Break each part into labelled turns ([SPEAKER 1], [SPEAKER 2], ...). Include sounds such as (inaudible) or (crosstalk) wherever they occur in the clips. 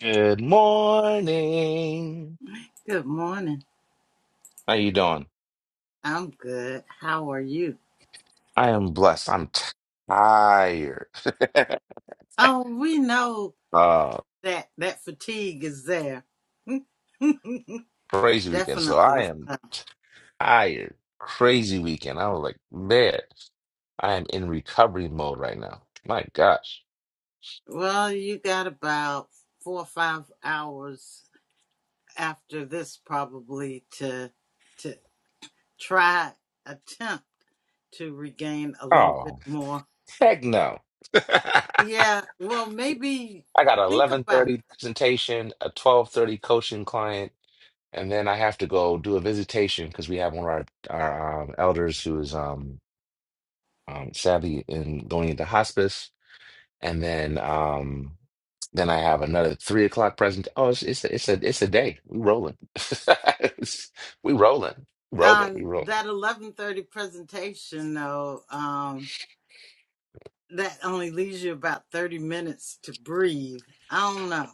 [SPEAKER 1] Good morning.
[SPEAKER 2] Good morning.
[SPEAKER 1] How you doing?
[SPEAKER 2] I'm good. How are you?
[SPEAKER 1] I am blessed. I'm tired. (laughs)
[SPEAKER 2] Oh, we know
[SPEAKER 1] uh,
[SPEAKER 2] that that fatigue is there. (laughs)
[SPEAKER 1] crazy weekend. So I
[SPEAKER 2] Definitely.
[SPEAKER 1] am tired. Crazy weekend. I was like, man, I am in recovery mode right now. My gosh.
[SPEAKER 2] Well, you got about four or five hours after this probably to to try attempt to regain a little bit
[SPEAKER 1] Oh,
[SPEAKER 2] more.
[SPEAKER 1] heck no. (laughs) I
[SPEAKER 2] Yeah, well, maybe
[SPEAKER 1] got an
[SPEAKER 2] think about
[SPEAKER 1] 11:30 presentation, a 12:30 coaching client, and then I have to go do a visitation because we have one of our, our um, elders who is um um, sadly, in going into hospice, and then um, then I have another three o'clock present. Oh, it's it's a, it's a it's a day. We rolling. (laughs) we rolling. Rolling. We
[SPEAKER 2] um
[SPEAKER 1] rolling.
[SPEAKER 2] that 11:30 presentation though. um, that only leaves you about 30 minutes to breathe. I don't know.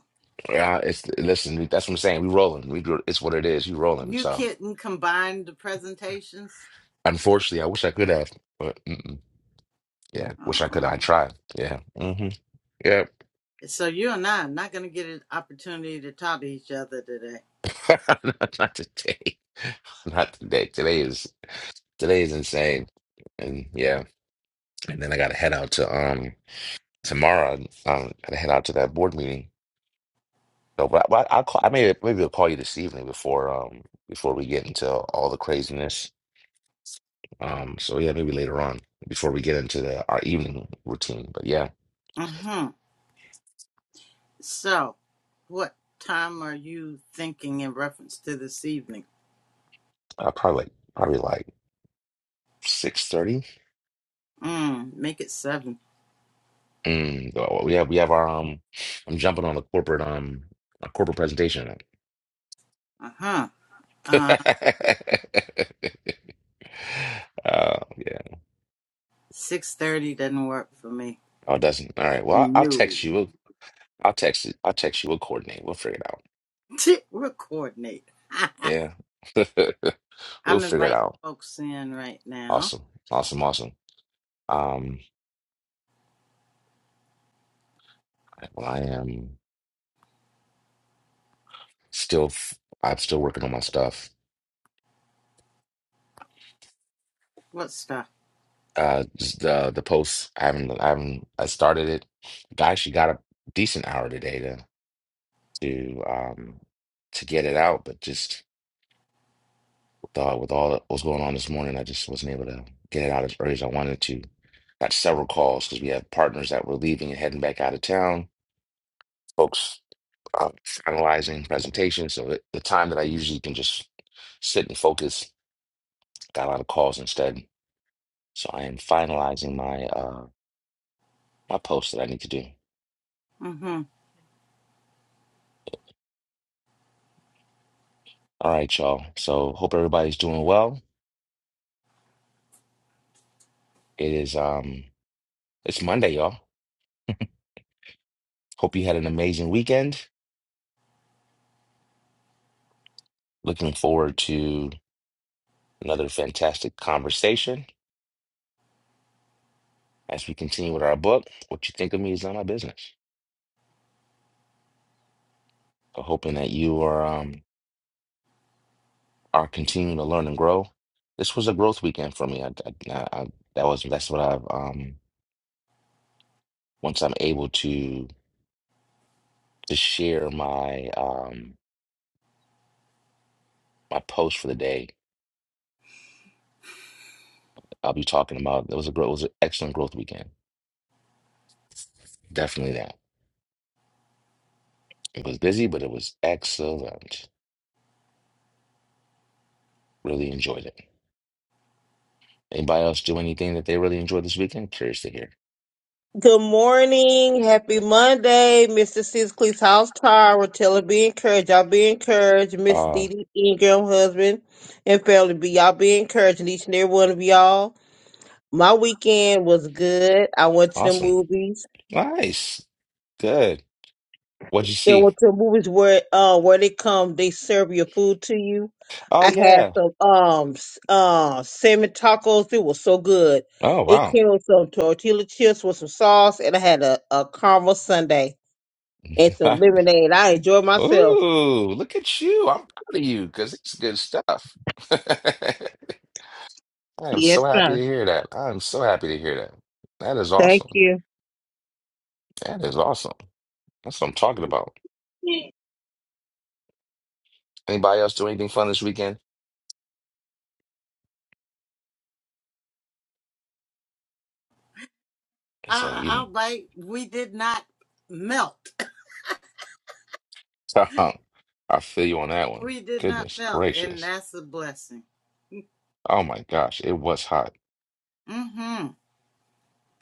[SPEAKER 1] Yeah, it's listen. That's what I'm saying. We rolling. We do- it's what it is. We rolling.
[SPEAKER 2] You
[SPEAKER 1] So
[SPEAKER 2] couldn't combine the presentations.
[SPEAKER 1] unfortunately, I wish I could have, but mm-mm. yeah, wish I could. I
[SPEAKER 2] Oh.
[SPEAKER 1] tried. Yeah. hmm Yeah.
[SPEAKER 2] So you and I are not going to get an opportunity to talk to each other today.
[SPEAKER 1] (laughs) not, not today. (laughs) Not today. Today is today is insane. And yeah, and then I got to head out to um. tomorrow. Um, gotta head out to that board meeting. So, but I, but I'll call. I may maybe I'll call you this evening before um before we get into all the craziness. Um, so yeah, maybe later on before we get into the, our evening routine. But yeah,
[SPEAKER 2] Mm-hmm. So what time are you thinking in reference to this evening?
[SPEAKER 1] uh, probably like, probably like six thirty.
[SPEAKER 2] Mm, make it seven.
[SPEAKER 1] Mm, well, we have we have our um. I'm jumping on a corporate um a corporate presentation.
[SPEAKER 2] Uh-huh.
[SPEAKER 1] (laughs) uh,
[SPEAKER 2] Uh,
[SPEAKER 1] yeah.
[SPEAKER 2] 6.30 doesn't work for me.
[SPEAKER 1] Oh, it doesn't. All right. Well, I'll I'll
[SPEAKER 2] No.
[SPEAKER 1] text you.
[SPEAKER 2] (laughs)
[SPEAKER 1] We'll, I'll text. you. I'll text you. We'll coordinate. We'll figure it out.
[SPEAKER 2] We'll coordinate. (laughs)
[SPEAKER 1] Yeah. (laughs) We'll
[SPEAKER 2] I'm
[SPEAKER 1] figure it
[SPEAKER 2] inviting
[SPEAKER 1] out.
[SPEAKER 2] folks in right now.
[SPEAKER 1] Awesome. Awesome. Awesome. Um, well, I am still, f- I'm still working on my stuff.
[SPEAKER 2] Let's start.
[SPEAKER 1] Uh, just the, the posts, I haven't, I haven't, I started it. I actually got a decent hour today to, to, um, to get it out, but just with all, with all that was going on this morning, I just wasn't able to get it out as early as I wanted to. Got several calls because we have partners that were leaving and heading back out of town. Folks uh, finalizing presentations. So the, the time that I usually can just sit and focus, got a lot of calls instead. So I am finalizing my uh my post that I need to do.
[SPEAKER 2] Mm-hmm.
[SPEAKER 1] All right, y'all. So hope everybody's doing well. It is um it's Monday, y'all. Hope you had an amazing weekend. Looking forward to another fantastic conversation as we continue with our book. What you think of me is not my business. So hoping that you are um are continuing to learn and grow. This was a growth weekend for me. I, I, I, I- that was that's what I've um once I'm able to to share my um my post for the day. I'll be talking about it was a growth it was an excellent growth weekend. Definitely that. It was busy, but it was excellent. Really enjoyed it. Anybody else do anything that they really enjoyed this weekend? Curious to hear.
[SPEAKER 3] Good morning. Happy Monday, Mr. Sisley's house Tara. Tell her be encouraged. Y'all be encouraged. Miss
[SPEAKER 1] Uh,
[SPEAKER 3] Dee Dee Ingram, husband and family. Be y'all be encouraged. and Each and every one of y'all. My weekend was good. I went to the
[SPEAKER 1] awesome.
[SPEAKER 3] movies.
[SPEAKER 1] Nice. Good. What'd you
[SPEAKER 3] And
[SPEAKER 1] see?
[SPEAKER 3] went to the movies where uh where they come, they serve your food to you.
[SPEAKER 1] Oh
[SPEAKER 3] I had
[SPEAKER 1] yeah.
[SPEAKER 3] some um s- uh salmon tacos. It was so good.
[SPEAKER 1] Oh
[SPEAKER 3] It
[SPEAKER 1] wow.
[SPEAKER 3] came with some tortilla chips with some sauce, and I had a, a caramel sundae. and some
[SPEAKER 1] (laughs)
[SPEAKER 3] lemonade. I enjoy myself.
[SPEAKER 1] Ooh, look at you. I'm proud of you because it's good stuff. (laughs) I am
[SPEAKER 3] Yes,
[SPEAKER 1] so happy
[SPEAKER 3] sir.
[SPEAKER 1] to hear that. I am so happy to hear that. That is
[SPEAKER 3] Thank
[SPEAKER 1] awesome.
[SPEAKER 3] you.
[SPEAKER 1] That is awesome. That's what I'm talking about. Anybody else do anything fun this weekend? It's uh,
[SPEAKER 2] Our,
[SPEAKER 1] you
[SPEAKER 2] our bite, we did not melt. (laughs)
[SPEAKER 1] know, (laughs) I feel you on that one.
[SPEAKER 2] We did not
[SPEAKER 1] Goodness
[SPEAKER 2] melt, and
[SPEAKER 1] gracious.
[SPEAKER 2] that's a blessing.
[SPEAKER 1] Oh my gosh, it was hot.
[SPEAKER 2] Mm-hmm.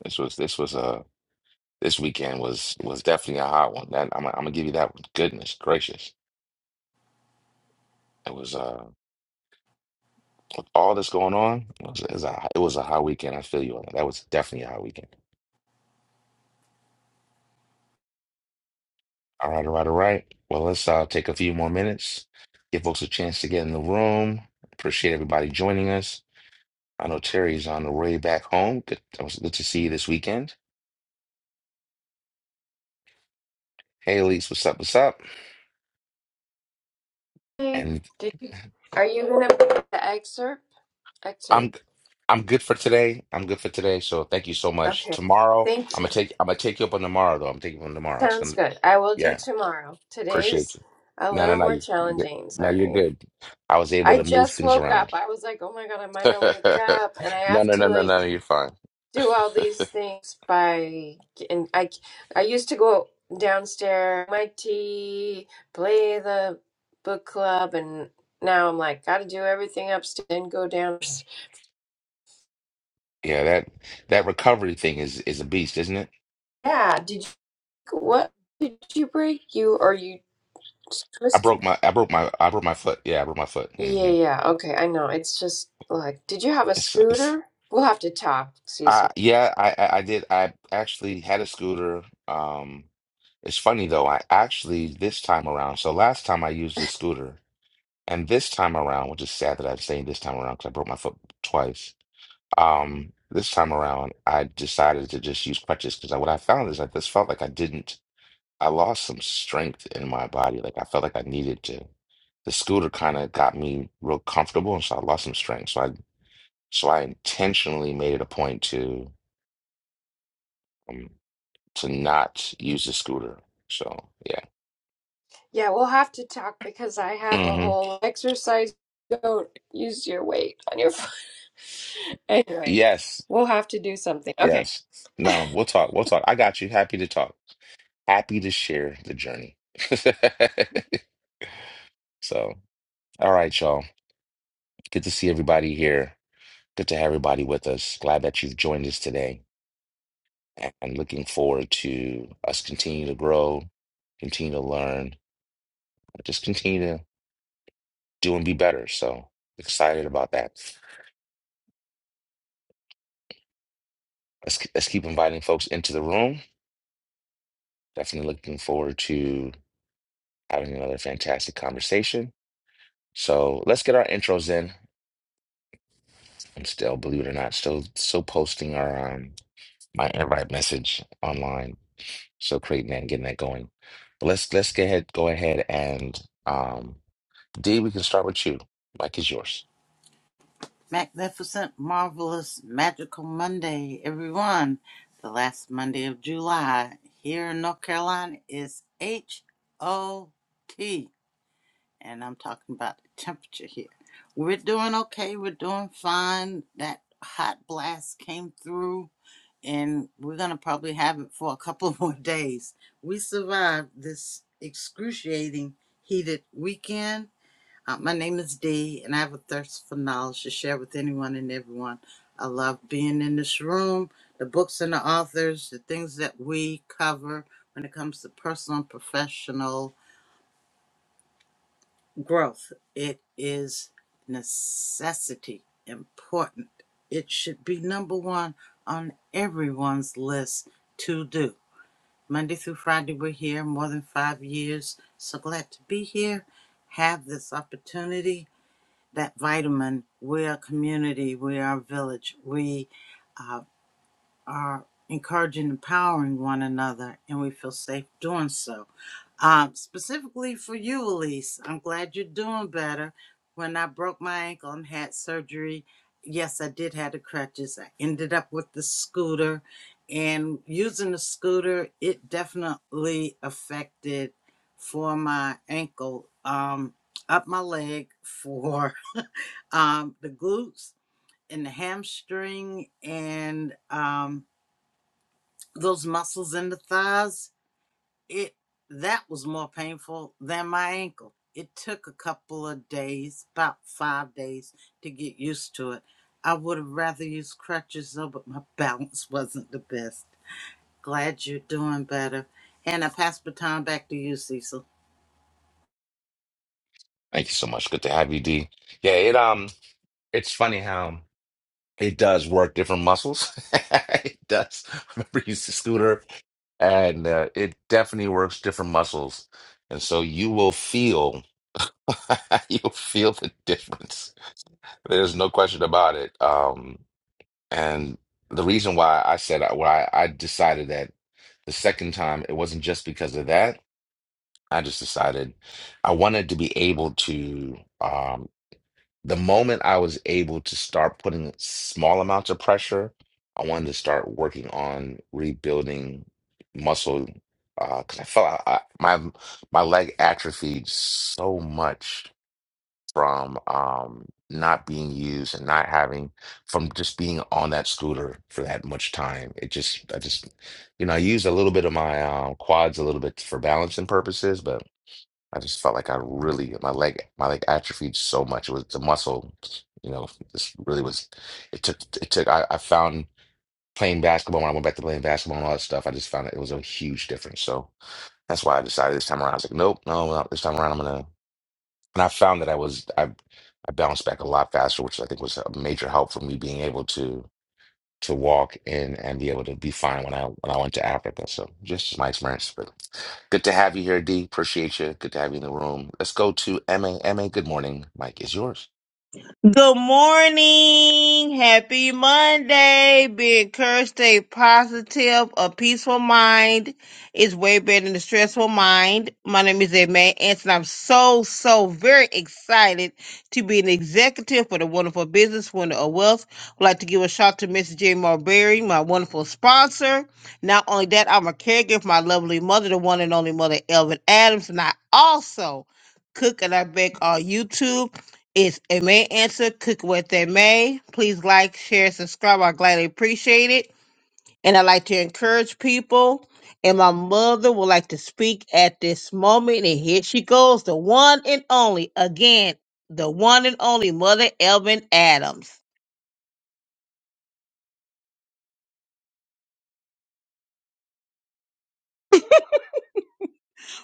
[SPEAKER 1] This was this was uh this weekend was was definitely a hot one. That I'm I'm gonna give you that one. Goodness gracious. It was uh With all that's going on, it was, it was a, it was a hot weekend. I feel you on that. That was definitely a hot weekend. All right, all right, all right. Well, let's uh, take a few more minutes, give folks a chance to get in the room. Appreciate everybody joining us. I know Terry's on the way back home. Good, it was good to see you this weekend. Hey, Elise, what's up? What's up?
[SPEAKER 4] Hey,
[SPEAKER 1] And
[SPEAKER 4] did, are you going to put the excerpt? Excerpt.
[SPEAKER 1] I'm I'm good for today. I'm good for today. So thank you so much.
[SPEAKER 4] Okay.
[SPEAKER 1] Tomorrow,
[SPEAKER 4] Thank
[SPEAKER 1] I'm
[SPEAKER 4] you.
[SPEAKER 1] gonna take I'm gonna take you up on tomorrow though. I'm taking you up on tomorrow. It's
[SPEAKER 4] Sounds
[SPEAKER 1] gonna
[SPEAKER 4] good. I will
[SPEAKER 1] yeah.
[SPEAKER 4] do tomorrow.
[SPEAKER 1] Appreciate
[SPEAKER 4] Today's
[SPEAKER 1] you.
[SPEAKER 4] a
[SPEAKER 1] No, no,
[SPEAKER 4] little
[SPEAKER 1] no,
[SPEAKER 4] more
[SPEAKER 1] you, you're good.
[SPEAKER 4] challenging.
[SPEAKER 1] No, you're
[SPEAKER 4] Sorry.
[SPEAKER 1] good. I was able
[SPEAKER 4] I
[SPEAKER 1] to move
[SPEAKER 4] just
[SPEAKER 1] things
[SPEAKER 4] woke up.
[SPEAKER 1] around.
[SPEAKER 4] I was like, oh my God, I might
[SPEAKER 1] (laughs)
[SPEAKER 4] not wake up. And I
[SPEAKER 1] No,
[SPEAKER 4] have
[SPEAKER 1] no, no,
[SPEAKER 4] to
[SPEAKER 1] no,
[SPEAKER 4] like
[SPEAKER 1] no, you're fine.
[SPEAKER 4] do all these things by, and I, I used to go downstairs, my tea, play the book club. And now I'm like, got to do everything upstairs and go downstairs.
[SPEAKER 1] Yeah, that that recovery thing is is a beast, isn't it?
[SPEAKER 4] Yeah. Did What did you break? You are you
[SPEAKER 1] I
[SPEAKER 4] twisted?
[SPEAKER 1] broke my I broke my I broke my foot. Yeah, I broke my foot.
[SPEAKER 4] Yeah,
[SPEAKER 1] hmm
[SPEAKER 4] yeah. Okay, I know. It's just like, did you have a
[SPEAKER 1] It's it's
[SPEAKER 4] scooter? We'll have to talk,
[SPEAKER 1] I,
[SPEAKER 4] Cecil.
[SPEAKER 1] yeah, I I I did I actually had a scooter. Um it's funny though, I actually this time around, so last time I used a scooter and this time around, which is sad that I'm saying this time around because I broke my foot twice. Um, this time around, I decided to just use crutches because what I found is I just felt like I didn't, I lost some strength in my body. Like I felt like I needed to. The scooter kind of got me real comfortable, and so I lost some strength. So I, so I intentionally made it a point to, um, to not use the scooter. So yeah.
[SPEAKER 4] Yeah, we'll have to talk because I have a
[SPEAKER 1] hmm
[SPEAKER 4] whole exercise. Don't use your weight on your foot. (laughs) Anyway,
[SPEAKER 1] Yes.
[SPEAKER 4] we'll have to do something. Okay.
[SPEAKER 1] Yes. No, we'll talk. We'll talk. I got you. Happy to talk. Happy to share the journey. (laughs) So, all right, y'all. Good to see everybody here. Good to have everybody with us. Glad that you've joined us today and looking forward to us continue to grow, continue to learn, just continue to do and be better. So excited about that. Let's, let's keep inviting folks into the room. Definitely looking forward to having another fantastic conversation. So let's get our intros in. I'm still, believe it or not, still still posting our um, my invite message online So creating that and getting that going. But let's let's go ahead go ahead and um D, we can start with you. Mike is yours.
[SPEAKER 2] Magnificent, marvelous, magical Monday, everyone. The last Monday of July here in North Carolina is H-O-T, and I'm talking about the temperature here. We're doing okay. We're doing fine. That hot blast came through and we're gonna probably have it for a couple (laughs) more days. We survived this excruciating heated weekend. Uh, my name is Dee, and I have a thirst for knowledge to share with anyone and everyone. I love being in this room, the books and the authors, the things that we cover when it comes to personal and professional growth. It is necessity, important. It should be number one on everyone's list to do. Monday through Friday, we're here more than five years. So glad to be here. Have this opportunity, that vitamin. We are a community, we are a village. We uh, are encouraging, empowering one another, and we feel safe doing so. Um, specifically for you, Elise, I'm glad you're doing better. When I broke my ankle and had surgery, yes, I did have the crutches. I ended up with the scooter, and using the scooter, it definitely affected for my ankle, um, up my leg, for (laughs) um, the glutes and the hamstring, and um, those muscles in the thighs, it that was more painful than my ankle. It took a couple of days, about five days, to get used to it. I would have rather used crutches though, but my (laughs) balance wasn't the best. Glad you're doing better. And I pass the baton back to you, Cecil.
[SPEAKER 1] Thank you so much. Good to have you, D. Yeah, it um it's funny how it does work different muscles. (laughs) it does. I remember you used to scooter and uh, it definitely works different muscles. And so you will feel (laughs) you'll feel the difference. There's no question about it. Um And the reason why I said uh, why I decided that the second time it wasn't just because of that. I just decided I wanted to be able to um the moment I was able to start putting small amounts of pressure, I wanted to start working on rebuilding muscle uh 'cause I felt I, I, my my leg atrophied so much from um, not being used and not having from just being on that scooter for that much time. It just, I just, you know, I used a little bit of my um, quads a little bit for balancing purposes, but I just felt like I really my leg my leg atrophied so much. It was the muscle, you know, this really was. It took it took. I, I found playing basketball when I went back to playing basketball and all that stuff. I just found it, it was a huge difference. So that's why I decided this time around. I was like, nope, no, no, this time around I'm gonna and I found that I was I I bounced back a lot faster, which I think was a major help for me being able to to walk and and be able to be fine when I when I went to Africa. So just my experience. But good to have you here, D. Appreciate you. Good to have you in the room. Let's go to MA. MA, good morning. Mike is yours.
[SPEAKER 3] Good morning. Happy Monday. Being encouraged, stay positive. A peaceful mind is way better than a stressful mind. My name is Aimee Anson. I'm so, so very excited to be an executive for the wonderful business winner of wealth. I'd like to give a shout out to Mrs. J. Marberry, my wonderful sponsor. Not only that, I'm a caregiver for my lovely mother, the one and only mother, Elvin Adams, and I also cook and I bake on YouTube. It's a May Answer, Cook What They May. Please like, share, subscribe. I gladly appreciate it. And I like to encourage people. And my mother would like to speak at this moment. And here she goes, the one and only, again, the one and only Mother Elvin Adams.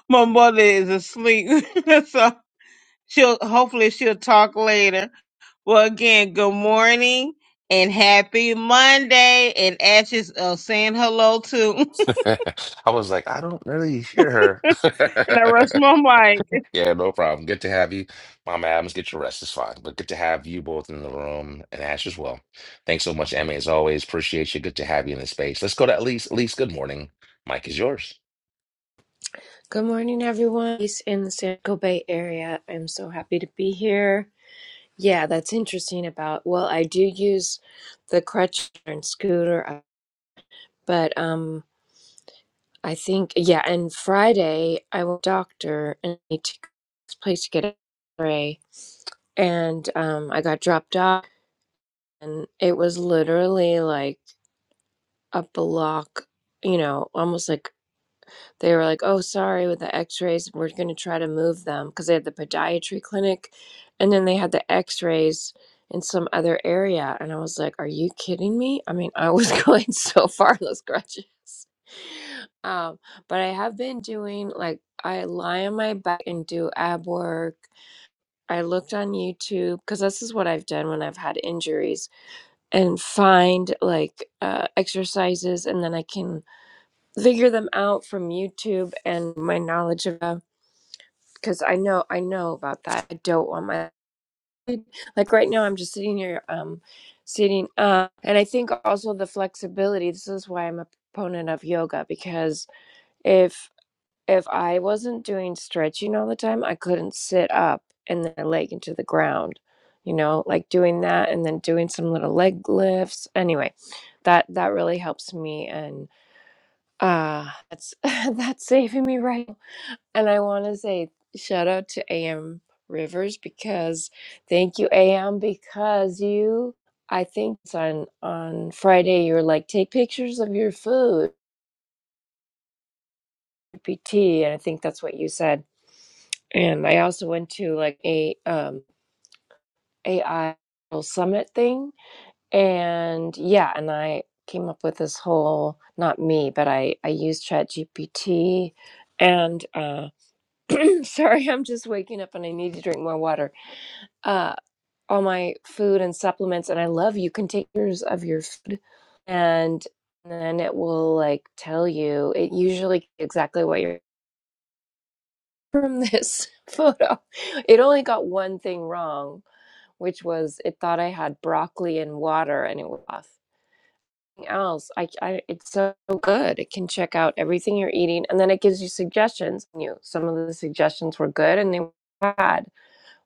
[SPEAKER 3] My mother is asleep. (laughs) so she'll hopefully she'll talk later. Well again, good morning and happy Monday. And Ashes of saying hello too. (laughs)
[SPEAKER 1] (laughs) I was like, I don't really hear
[SPEAKER 3] and I
[SPEAKER 1] her. (laughs)
[SPEAKER 3] rushed my mic.
[SPEAKER 1] Yeah, no problem. Good to have you. Mama Adams, get your rest. It's fine. But good to have you both in the room and Ash as well. Thanks so much, Emmy, as always. Appreciate you. Good to have you in the space. Let's go to Elise. Elise, good morning. Mike is yours.
[SPEAKER 4] Good morning, everyone. Peace in the San Francisco Bay Area. I'm so happy to be here. Yeah, that's interesting about. Well, I do use the crutch and scooter, but um. I think yeah, and Friday I went to the doctor and I need to go to this place to get an X-ray, and um, I got dropped off, and it was literally like a block, you know, almost like they were like, "Oh, sorry, with the X-rays, we're going to try to move them because they had the podiatry clinic, and then they had the X-rays in some other area." And I was like, "Are you kidding me?" I mean, I was (laughs) going so far those grudges. um, but I have been doing like I lie on my back and do ab work. I looked on YouTube because this is what I've done when I've had injuries and find like uh, exercises, and then I can figure them out from YouTube and my knowledge of because I know I know about that. I don't want my like right now I'm just sitting here um sitting up and I think also the flexibility this is why I'm a proponent of yoga because if if I wasn't doing stretching all the time I couldn't sit up and then I leg into the ground you know like doing that and then doing some little leg lifts anyway that that really helps me and uh that's (laughs) that's saving me right And I want to say shout out to AM Rivers because thank you AM because you I think it's on on Friday you were like take pictures of your food PT and I think that's what you said. And I also went to like a um AI summit thing and yeah and I came up with this whole not me but I I used ChatGPT and uh (clears throat) sorry I'm just waking up and I need to drink more water uh. all my food and supplements and I love you can take pictures of your food and then it will like tell you it usually exactly what you're from this (laughs) photo. It only got one thing wrong, which was it thought I had broccoli and water and it was off. Everything Else, I, I, it's so good. It can check out everything you're eating, and then it gives you suggestions. You, some of the suggestions were good, and they were bad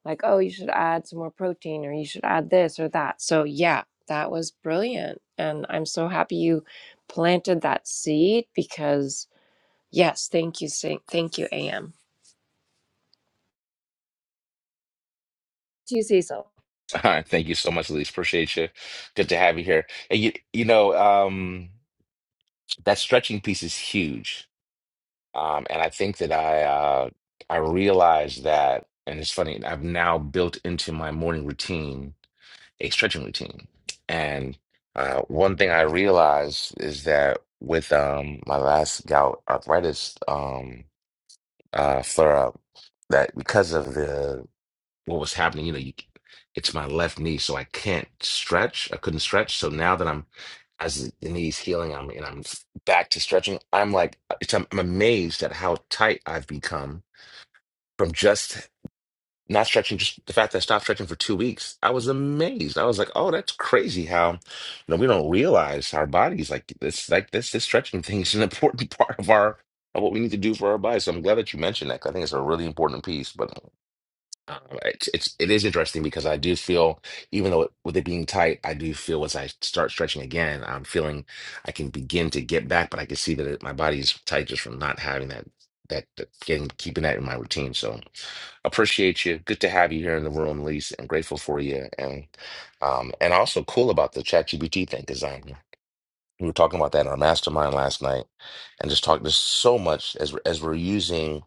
[SPEAKER 4] like, oh, you should add some more protein or you should add this or that. So, yeah, that was brilliant. And I'm so happy you planted that seed because, yes, thank you. Sa- Thank you, AM. Do you, Cecil?
[SPEAKER 1] (laughs) All right. Thank you so much, Elise. Appreciate you. Good to have you here. And you, you know, um, that stretching piece is huge. Um, and I think that I uh I realized that, and it's funny, I've now built into my morning routine a stretching routine. And uh, one thing I realized is that with um, my last gout arthritis um, uh, flare up, that because of the what was happening, you know, you, it's my left knee, so I can't stretch. I couldn't stretch. So now that I'm as the knee's healing, I'm and I'm back to stretching. I'm like, it's, I'm, I'm amazed at how tight I've become from just not stretching, just the fact that I stopped stretching for two weeks, I was amazed. I was like, "Oh, that's crazy! How you know we don't realize our bodies like this, like this, this stretching thing is an important (laughs) part of our of what we need to do for our bodies." So I'm glad that you mentioned that. 'cause I think it's a really important piece. But uh, it's, it's it is interesting because I do feel, even though it, with it being tight, I do feel once I start stretching again, I'm feeling I can begin to get back, but I can see that it, my body's tight just from not having that that, that getting keeping that in my routine. So appreciate you. Good to have you here in the room, Lise, and grateful for you. And um and also cool about the ChatGPT thing because I we were talking about that in our mastermind last night, and just talk. There's so much as we're, as we're using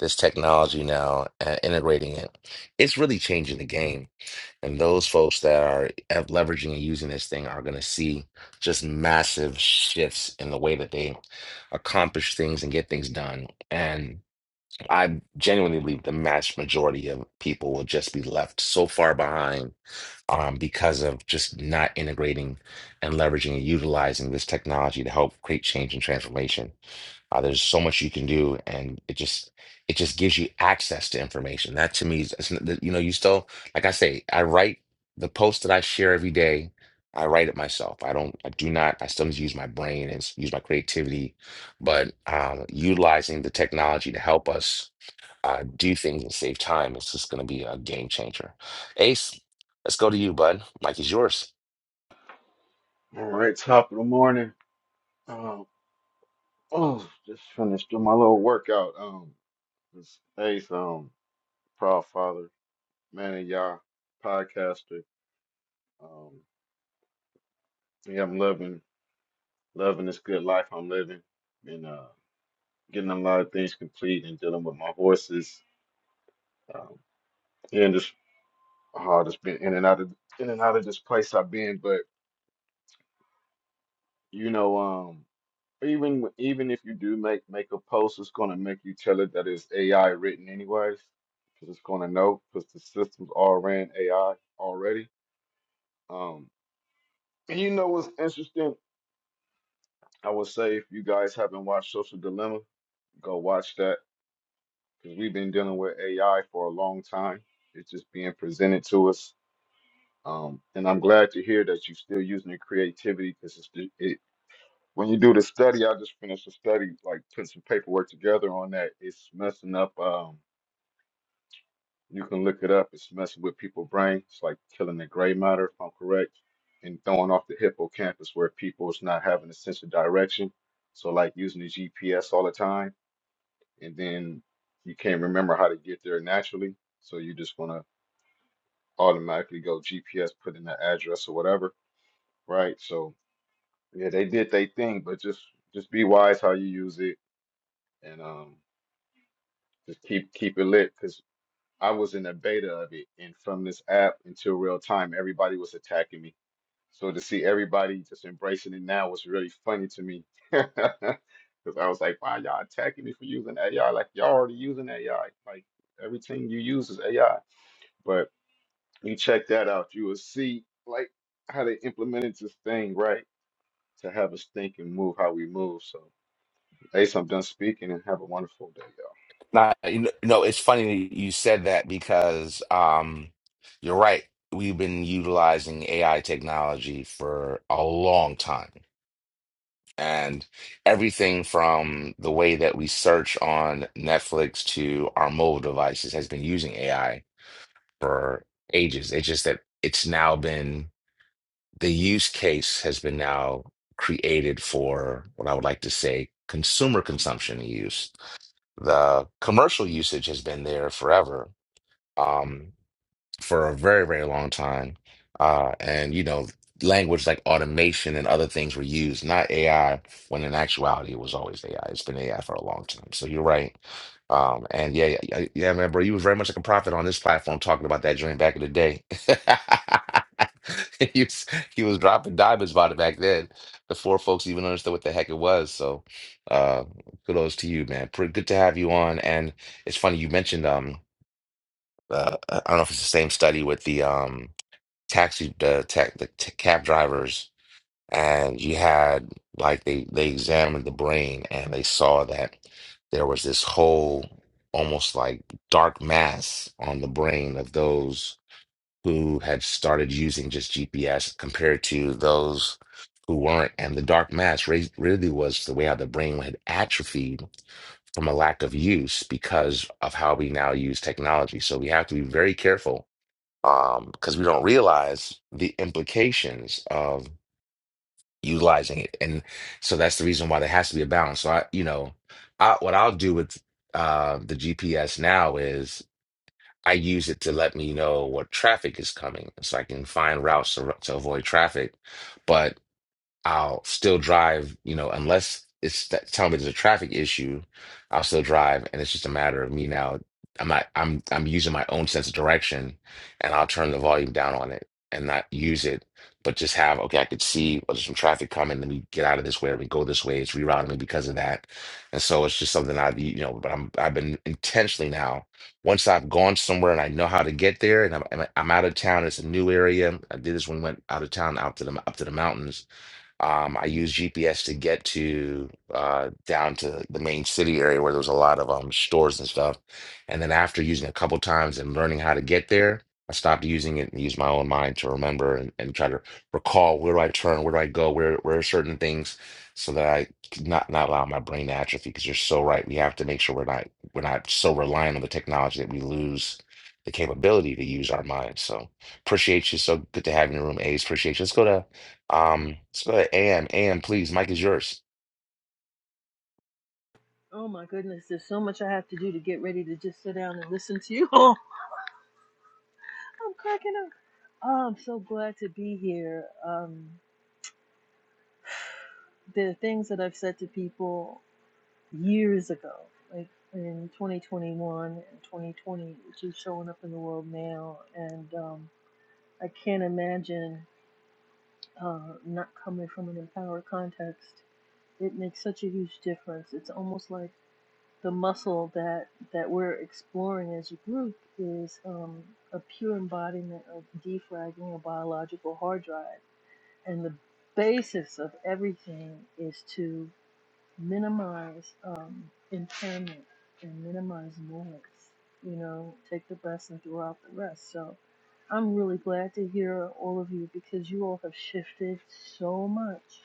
[SPEAKER 1] this technology now and integrating it. It's really changing the game, and those folks that are have leveraging and using this thing are going to see just massive shifts in the way that they accomplish things and get things done. And I genuinely believe the vast majority of people will just be left so far behind um, because of just not integrating and leveraging and utilizing this technology to help create change and transformation. Uh, there's so much you can do, and it just it just gives you access to information. That to me is it's n- you know you still like I say I write the post that I share every day. I write it myself. I don't. I do not. I still use my brain and s- use my creativity, but um, utilizing the technology to help us uh, do things and save time, it's just going to be a game changer. Ace, let's go to you, bud. Mike is yours.
[SPEAKER 5] All right, top of the morning. Um, oh, just finished doing my little workout. Um, this Ace, um, proud father, man of y'all, podcaster. Um, yeah, I'm loving, loving this good life I'm living, and uh, getting a lot of things complete and dealing with my horses. Um, and just, oh, just been in and out of, in and out of this place I've been, but you know, um. Even w- even if you do make make a post, it's gonna make you tell it that it's AI written anyways, because it's gonna know because the systems all ran AI already. Um, and you know what's interesting? I would say if you guys haven't watched Social Dilemma, go watch that because we've been dealing with AI for a long time. It's just being presented to us. Um, and I'm glad to hear that you're still using your creativity because When you do the study, I just finished a study, like put some paperwork together on that. It's messing up. Um, you can look it up. It's messing with people's brain. It's like killing the gray matter, if I'm correct, and throwing off the hippocampus where people is not having a sense of direction. So like using the GPS all the time, and then you can't remember how to get there naturally. So you're just gonna automatically go GPS, put in the address or whatever, right? So yeah, they did their thing, but just just be wise how you use it and um Just keep keep it lit because I was in the beta of it, and from this app until real time, everybody was attacking me. So to see everybody just embracing it now was really funny to me, (laughs) because I was like, "Why y'all attacking me for using AI? Like y'all already using AI. Like everything you use is AI." But you check that out, you will see like how they implemented this thing right to have us think and move how we move. So, Ace, I'm done speaking, and have a wonderful day,
[SPEAKER 1] Nah, you know, no, it's funny that you said that because um, you're right. We've been utilizing AI technology for a long time. And everything from the way that we search on Netflix to our mobile devices has been using AI for ages. It's just that it's now been the use case has been now created for what I would like to say consumer consumption use. The commercial usage has been there forever. Um, for a very, very long time. Uh, and, you know, language like automation and other things were used, not AI, when in actuality it was always AI. It's been AI for a long time. So you're right. Um, and yeah, yeah, yeah, man, bro, you was very much like a prophet on this platform talking about that dream back in the day. (laughs) He was, he was dropping diamonds about it back then before folks even understood what the heck it was. So, uh, kudos to you, man. Pretty good to have you on. And it's funny you mentioned, um, uh, I don't know if it's the same study with the um taxi the tech the t cab drivers and you had like they they examined the brain and they saw that there was this whole almost like dark mass on the brain of those who had started using just GPS compared to those who weren't and the dark mass re- really was the way how the brain had atrophied from a lack of use because of how we now use technology so we have to be very careful um, because we don't realize the implications of utilizing it. And so that's the reason why there has to be a balance. So I, you know, I, what I'll do with uh, the GPS now is I use it to let me know what traffic is coming so I can find routes to, to avoid traffic. But I'll still drive, you know, unless it's that telling me there's a traffic issue, I'll still drive. And it's just a matter of me now. I'm not, I'm, I'm using my own sense of direction and I'll turn the volume down on it and not use it, but just have, okay, I could see well, there's some traffic coming. Let me get out of this way. Let me go this way. It's rerouting me because of that. And so it's just something I've, you know, but I'm, I've been intentionally now, once I've gone somewhere and I know how to get there and I'm, I'm I'm out of town, it's a new area. I did this when we went out of town, out to the, up to the mountains um, I used GPS to get to uh, down to the main city area where there was a lot of um, stores and stuff. And then after using it a couple times and learning how to get there, I stopped using it and used my own mind to remember and, and try to recall where do I turn, where do I go, where where are certain things, so that I could not not allow my brain to atrophy. Because you're so right, we have to make sure we're not we're not so reliant on the technology that we lose the capability to use our minds. So appreciate you. So good to have you in the room, Ace. Appreciate you. Let's go to um, so AM, AM, please. Mike is yours.
[SPEAKER 6] Oh my goodness, there's so much I have to do to get ready to just sit down and listen to you (laughs) all. I'm cracking up. Oh, I'm so glad to be here. Um, there are things that I've said to people years ago, like in 2021 and 2020, which is showing up in the world now. And um, I can't imagine uh, not coming from an empowered context. It makes such a huge difference. It's almost like the muscle that that we're exploring as a group is um, a pure embodiment of defragging a biological hard drive, and the basis of everything is to minimize um, impairment and minimize noise. You know, take the best and throw out the rest. So I'm really glad to hear all of you because you all have shifted so much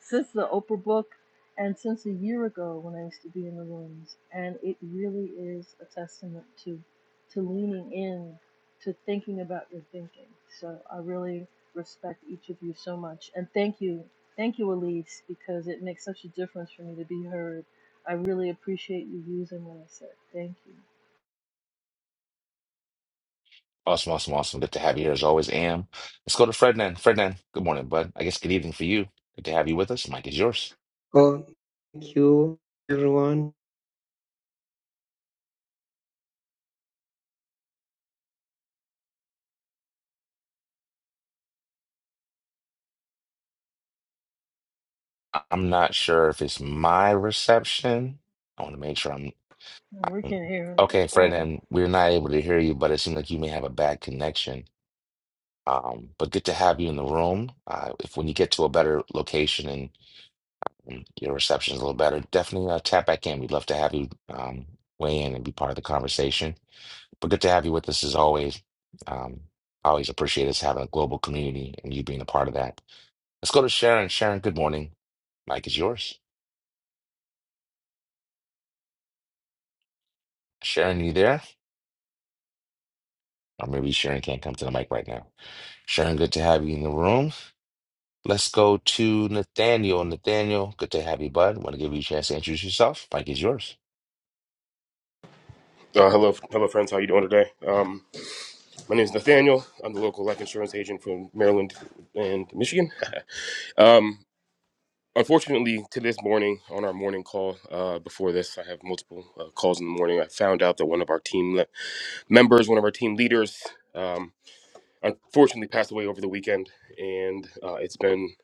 [SPEAKER 6] since the Oprah book and since a year ago when I used to be in the rooms. And it really is a testament to to leaning in to thinking about your thinking. So I really respect each of you so much and thank you Thank you, Elise, because it makes such a difference for me to be heard. I really appreciate you using what I said. Thank you.
[SPEAKER 1] Awesome, awesome, awesome. Good to have you here as always, AM. Let's go to Ferdinand. Ferdinand, good morning, bud. I guess good evening for you. Good to have you with us. Mike is yours.
[SPEAKER 7] Oh, thank you, everyone.
[SPEAKER 1] I- I'm not sure if it's my reception. I want to make sure I'm,
[SPEAKER 6] And We
[SPEAKER 1] I'm
[SPEAKER 6] can't hear him at
[SPEAKER 1] okay,
[SPEAKER 6] all.
[SPEAKER 1] Ferdinand. We're not able to hear you, but it seems like you may have a bad connection. Um, but good to have you in the room. Uh, if when you get to a better location and, and your reception is a little better, definitely uh, tap back in. We'd love to have you um, weigh in and be part of the conversation. But good to have you with us as always. Um, I always appreciate us having a global community and you being a part of that. Let's go to Sharon. Sharon, good morning. Mike is yours. Sharon, you there? Or maybe Sharon can't come to the mic right now. Sharon, good to have you in the room. Let's go to Nathaniel. Nathaniel, good to have you, bud. Want to give you a chance to introduce yourself? Mike is yours.
[SPEAKER 8] Uh, hello, hello, friends. How you doing today? Um, my name is Nathaniel. I'm the local life insurance agent from Maryland and Michigan. (laughs) um, unfortunately, to this morning on our morning call, uh, before this, I have multiple uh, calls in the morning. I found out that one of our team le- members, one of our team leaders, um, unfortunately passed away over the weekend, and uh, it's been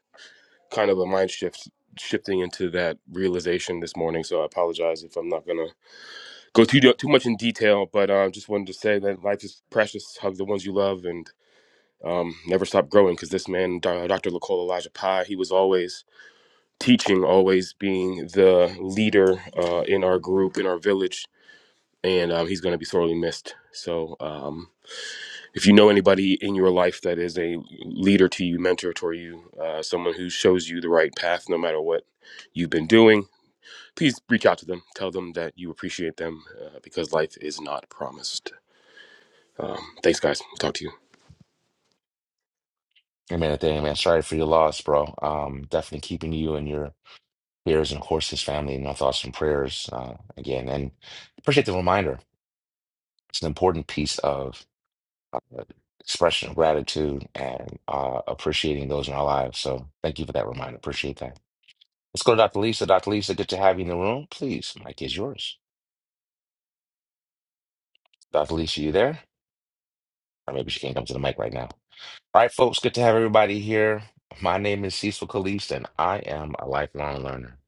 [SPEAKER 8] kind of a mind shift shifting into that realization this morning. So I apologize if I'm not gonna go too too much in detail, but uh, just wanted to say that life is precious. Hug the ones you love, and um, never stop growing. Because this man, Do- Dr. Lacole Elijah Pai, he was always teaching, always being the leader uh, in our group, in our village, and um, he's going to be sorely missed. So, um, if you know anybody in your life that is a leader to you, mentor to you, uh, someone who shows you the right path, no matter what you've been doing, please reach out to them. Tell them that you appreciate them, uh, because life is not promised. Um, thanks, guys. Talk to you.
[SPEAKER 1] Hey, man, Nathaniel, man, sorry for your loss, bro. Um, definitely keeping you and your peers and, of course, his family in our thoughts and prayers uh, again. And appreciate the reminder. It's an important piece of uh, expression of gratitude and uh, appreciating those in our lives. So thank you for that reminder. Appreciate that. Let's go to Dr. Lisa. Dr. Lisa, good to have you in the room. Please, mic is yours. Dr. Lisa, you there? Or maybe she can't come to the mic right now. All right, folks, good to have everybody here. My name is Cecil Caliste, and I am a lifelong learner.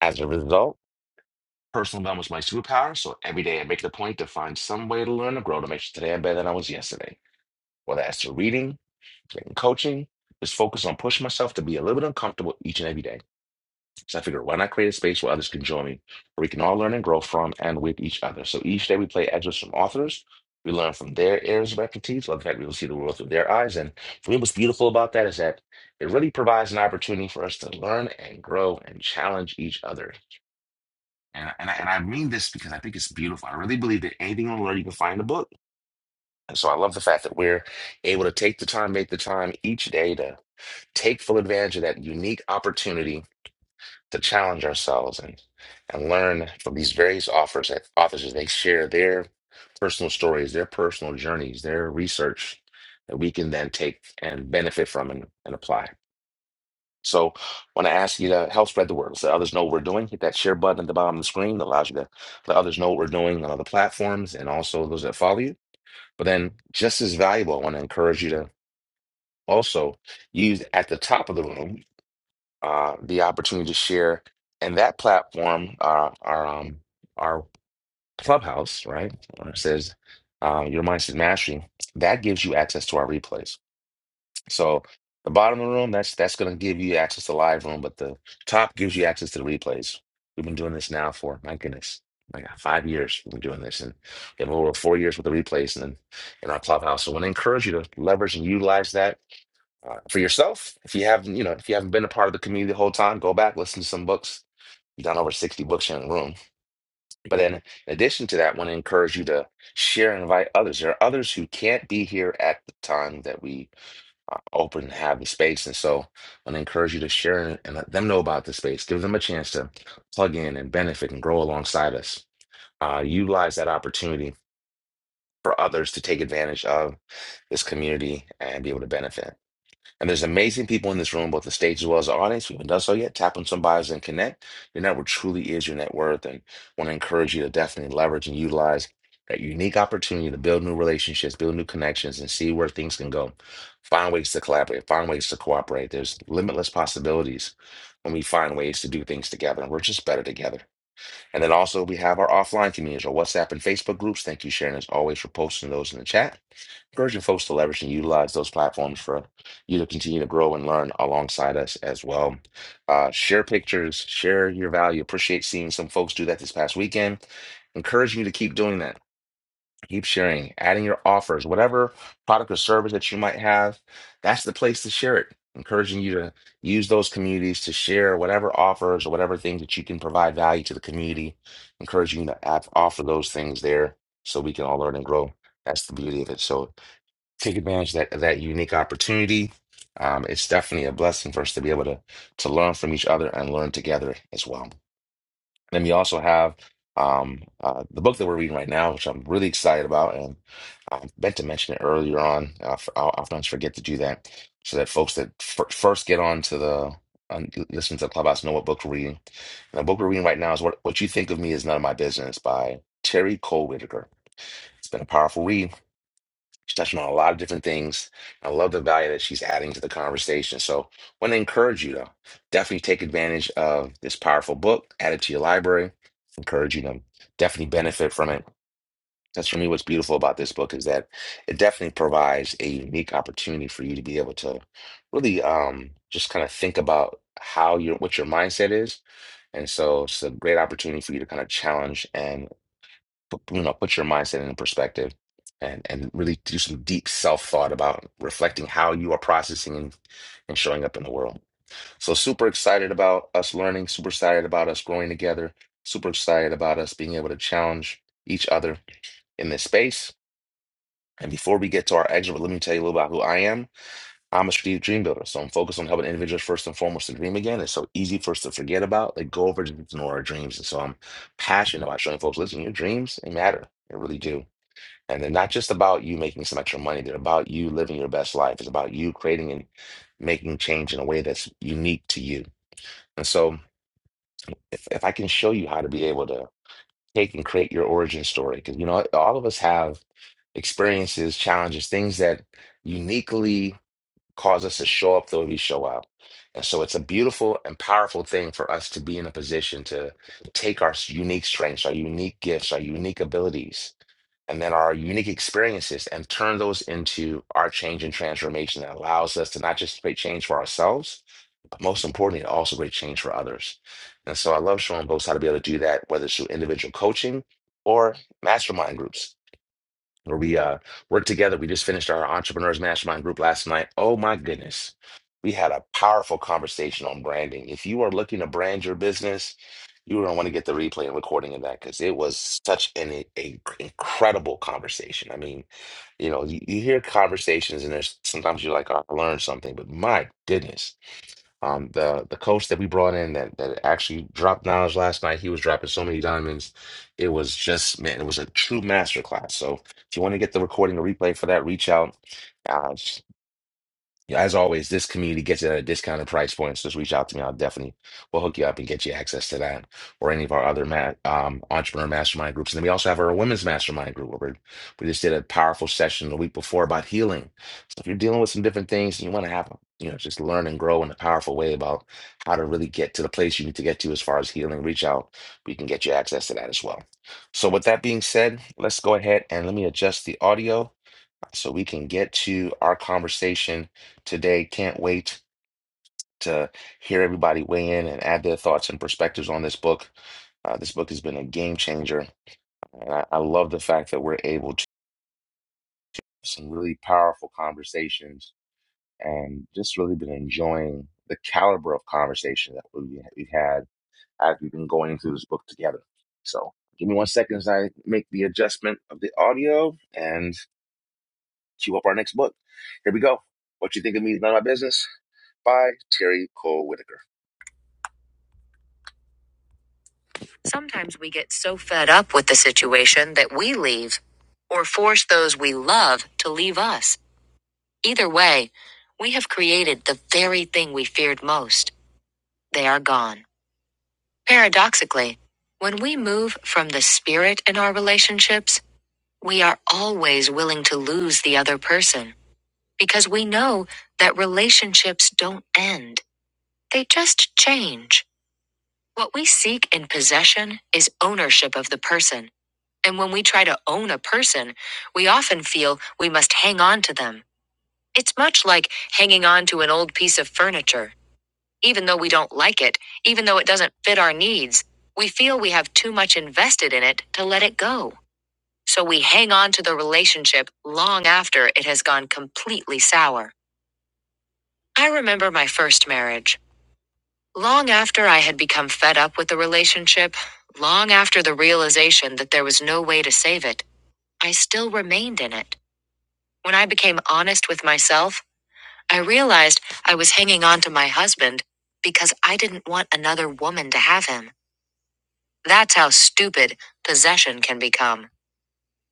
[SPEAKER 1] As a result, personal development is my superpower. So every day I make it a point to find some way to learn and grow to make sure today I'm better than I was yesterday. Whether that's through reading, in coaching is focus on pushing myself to be a little bit uncomfortable each and every day. So I figure, why not create a space where others can join me, where we can all learn and grow from and with each other. So each day we play excerpts from authors. We learn from their areas of expertise. Love the fact we will see the world through their eyes. And for me, what's beautiful about that is that it really provides an opportunity for us to learn and grow and challenge each other. And, and, I, and I mean this because I think it's beautiful. I really believe that anything you want to learn, you can find in a book. And so I love the fact that we're able to take the time, make the time each day to take full advantage of that unique opportunity to challenge ourselves and, and learn from these various authors that authors as they share their personal stories, their personal journeys, their research that we can then take and benefit from and, and apply. So I want to ask you to help spread the word. So others know what we're doing. Hit that share button at the bottom of the screen that allows you to let others know what we're doing on other platforms and also those that follow you. But then just as valuable, I want to encourage you to also use at the top of the room. uh, the opportunity to share. And that platform, uh, our um, our clubhouse, right, where it says uh, your mindset mastery, that gives you access to our replays. So the bottom of the room, that's that's going to give you access to live room, but the top gives you access to the replays. We've been doing this now for my goodness, like five years. We've been doing this, and we have over four years with the replays and in in our clubhouse. So I want to encourage you to leverage and utilize that uh, for yourself. If you haven't, you know, if you haven't been a part of the community the whole time, go back, listen to some books. we have done over 60 books here in the room. But then in addition to that, I want to encourage you to share and invite others. There are others who can't be here at the time that we uh, open and have the space. And so I want to encourage you to share and, and let them know about the space. Give them a chance to plug in and benefit and grow alongside us. Uh, utilize that opportunity for others to take advantage of this community and be able to benefit. And there's amazing people in this room, both the stage as well as the audience. We haven't done so yet, tap on some bios and connect. Your network truly is your net worth. And want to encourage you to definitely leverage and utilize that unique opportunity to build new relationships, build new connections, and see where things can go. Find ways to collaborate, find ways to cooperate. There's limitless possibilities when we find ways to do things together. And we're just better together. And then also we have our offline communities, our WhatsApp and Facebook groups. Thank you, Sharon, as always, for posting those in the chat. Encouraging folks to leverage and utilize those platforms for you to continue to grow and learn alongside us as well. Uh, share pictures, share your value. Appreciate seeing some folks do that this past weekend. Encouraging you to keep doing that Keep sharing, adding your offers, whatever product or service that you might have. That's the place to share it. Encouraging you to use those communities to share whatever offers or whatever things that you can provide value to the community. Encouraging you to add, offer those things there so we can all learn and grow. That's the beauty of it. So take advantage of that of that unique opportunity. Um, it's definitely a blessing for us to be able to to learn from each other and learn together as well then we also have um, uh, the book that we're reading right now, which I'm really excited about, and I meant to mention it earlier on. I f- I often forget to do that, so that folks that fir- first get on to the on, listen to the clubhouse know what book we're reading. And the book we're reading right now is "What What You Think of Me Is None of My Business" by Terry Cole Whitaker. It's been a powerful read. She's touching on a lot of different things. I love the value that she's adding to the conversation. So, want to encourage you to definitely take advantage of this powerful book, add it to your library. Encourage you to definitely benefit from it. That's for me what's beautiful about this book is that it definitely provides a unique opportunity for you to be able to really um, just kind of think about how your what your mindset is. And so it's a great opportunity for you to kind of challenge and put, you know, put your mindset in perspective and and really do some deep self thought about reflecting how you are processing and, and showing up in the world. So super excited about us learning, super excited about us growing together, super excited about us being able to challenge each other in this space. And before we get to our exit, let me tell you a little about who I am. I'm a strategic dream builder, so I'm focused on helping individuals first and foremost to dream again. It's so easy for us to forget about, like go over to ignore our dreams. And so I'm passionate about showing folks, listen, your dreams, they matter. They really do and they're not just about you making some extra money. They're about you living your best life. It's about you creating and making change in a way that's unique to you. And so, if, if I can show you how to be able to take and create your origin story, because you know, all of us have experiences, challenges, things that uniquely cause us to show up the way we show up. And so, it's a beautiful and powerful thing for us to be in a position to take our unique strengths, our unique gifts, our unique abilities and then our unique experiences and turn those into our change and transformation that allows us to not just create change for ourselves, but most importantly, also create change for others. And so I love showing folks how to be able to do that, whether it's through individual coaching or mastermind groups where we uh work together. We just finished our entrepreneurs mastermind group last night. Oh my goodness. We had a powerful conversation on branding. If you are looking to brand your business, you don't want to get the replay and recording of that because it was such an a, incredible conversation. I mean, you know, you, you hear conversations and there's sometimes you're like, oh, I learned something, but my goodness um, the the coach that we brought in that that actually dropped knowledge last night, he was dropping so many diamonds. It was just, man, it was a true master class. So if you want to get the recording, the replay for that, reach out. Uh, as always, this community gets it at a discounted price point. So just reach out to me. I'll definitely will hook you up and get you access to that or any of our other ma um, entrepreneur mastermind groups. And then we also have our women's mastermind group. Where we're- we just did a powerful session the week before about healing. So if you're dealing with some different things and you want to have, you know, just learn and grow in a powerful way about how to really get to the place you need to get to as far as healing, reach out. We can get you access to that as well. So with that being said, let's go ahead and let me adjust the audio so we can get to our conversation today. Can't wait to hear everybody weigh in and add their thoughts and perspectives on this book. Uh, this book has been a game changer. And I, I love the fact that we're able to have some really powerful conversations and just really been enjoying the caliber of conversation that we, we've had as we've been going through this book together. So give me one second as I make the adjustment of the audio and cue up our next book. Here we go. What you think of me is none of my business. by Terry Cole Whitaker. Sometimes we get so fed up with the situation that we leave or force those we love to leave us. Either way, we have created the very thing we feared most. They are gone. Paradoxically, when we move from the spirit in our relationships, we are always willing to lose the other person because we know that relationships don't end, they just change. What we seek in possession is ownership of the person. And when we try to own a person, we often feel we must hang on to them. It's much like hanging on to an old piece of furniture. Even though we don't like it, even though it doesn't fit our needs, we feel we have too much invested in it to let it go. So we hang on to the relationship long after it has gone completely sour. I remember my first marriage. Long after I had become fed up with the relationship, long after the realization that there was no way to save it, I still remained in it. When I became honest with myself, I realized I was hanging on to my husband because I didn't want another woman to have him. That's how stupid possession can become.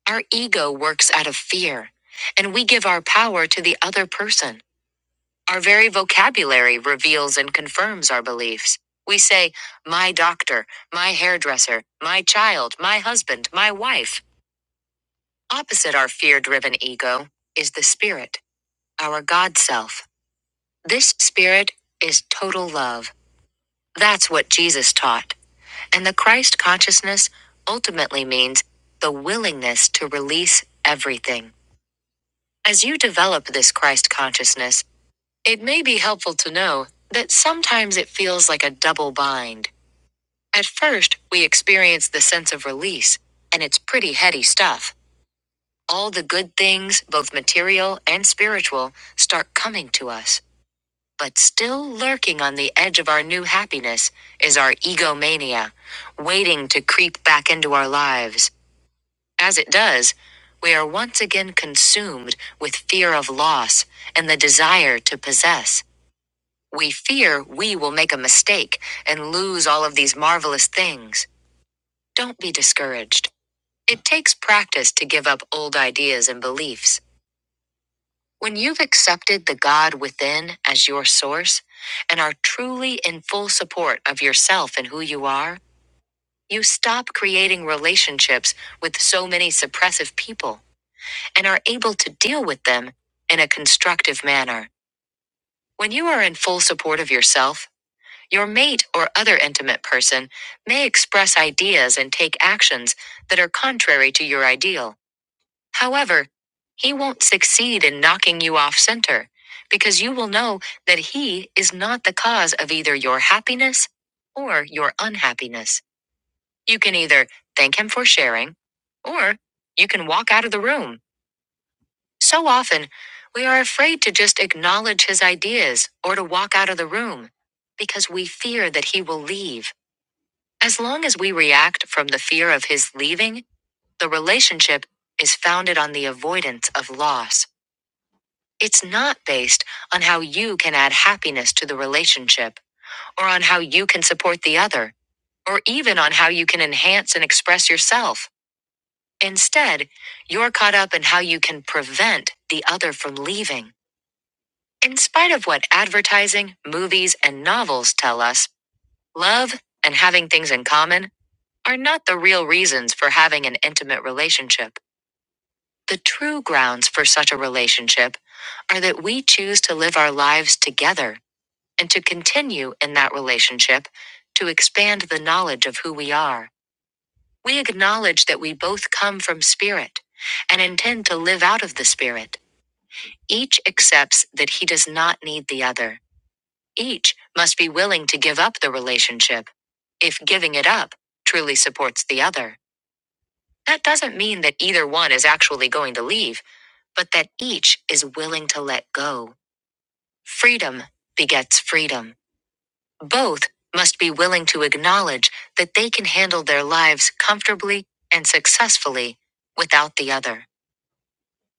[SPEAKER 1] Our ego works out of fear, and we give our power to the other person. Our very vocabulary reveals and confirms our beliefs. We say, my doctor, my hairdresser, my child, my husband, my wife. Opposite our fear driven ego is the spirit, our God self. This spirit is total love. That's what Jesus taught. And the Christ consciousness ultimately means the willingness to release everything. As you develop this Christ consciousness, It may be helpful to know that sometimes it feels like a double bind. At first, we experience the sense of release, and it's pretty heady stuff. All the good things, both material and spiritual, start coming to us. But still lurking on the edge of our new happiness is our egomania, waiting to creep back into our lives. As it does, we are once again consumed with fear of loss and the desire to possess. We fear we will make a mistake and lose all of these marvelous things. Don't be discouraged. It takes practice to give up old ideas and beliefs. When you've accepted the God within as your source and are truly in full support of yourself and who you are, you stop creating relationships with so many suppressive people and are able to deal with them in a constructive manner. When you are in full support of yourself, Your mate or other intimate person may express ideas and take actions that are contrary to your ideal. However, he won't succeed in knocking you off center because you will know that he is not the cause of either your happiness or your unhappiness. You can either thank him for sharing or you can walk out of the room. So often, we are afraid to just acknowledge his ideas or to walk out of the room because we fear that he will leave. As long as we react from the fear of his leaving, the relationship is founded on the avoidance of loss. It's not based on how you can add happiness to the relationship, or on how you can support the other, or even on how you can enhance and express yourself. Instead, you're caught up in how you can prevent the other from leaving. In spite of what advertising, movies, and novels tell us, love and having things in common are not the real reasons for having an intimate relationship. The true grounds for such a relationship are that we choose to live our lives together and to continue in that relationship to expand the knowledge of who we are. We acknowledge that we both come from spirit and intend to live out of the spirit. Each accepts that he does not need the other. Each must be willing to give up the relationship if giving it up truly supports the other. That doesn't mean that either one is actually going to leave, but that each is willing to let go. Freedom begets freedom. Both must be willing to acknowledge that they can handle their lives comfortably and successfully without the other.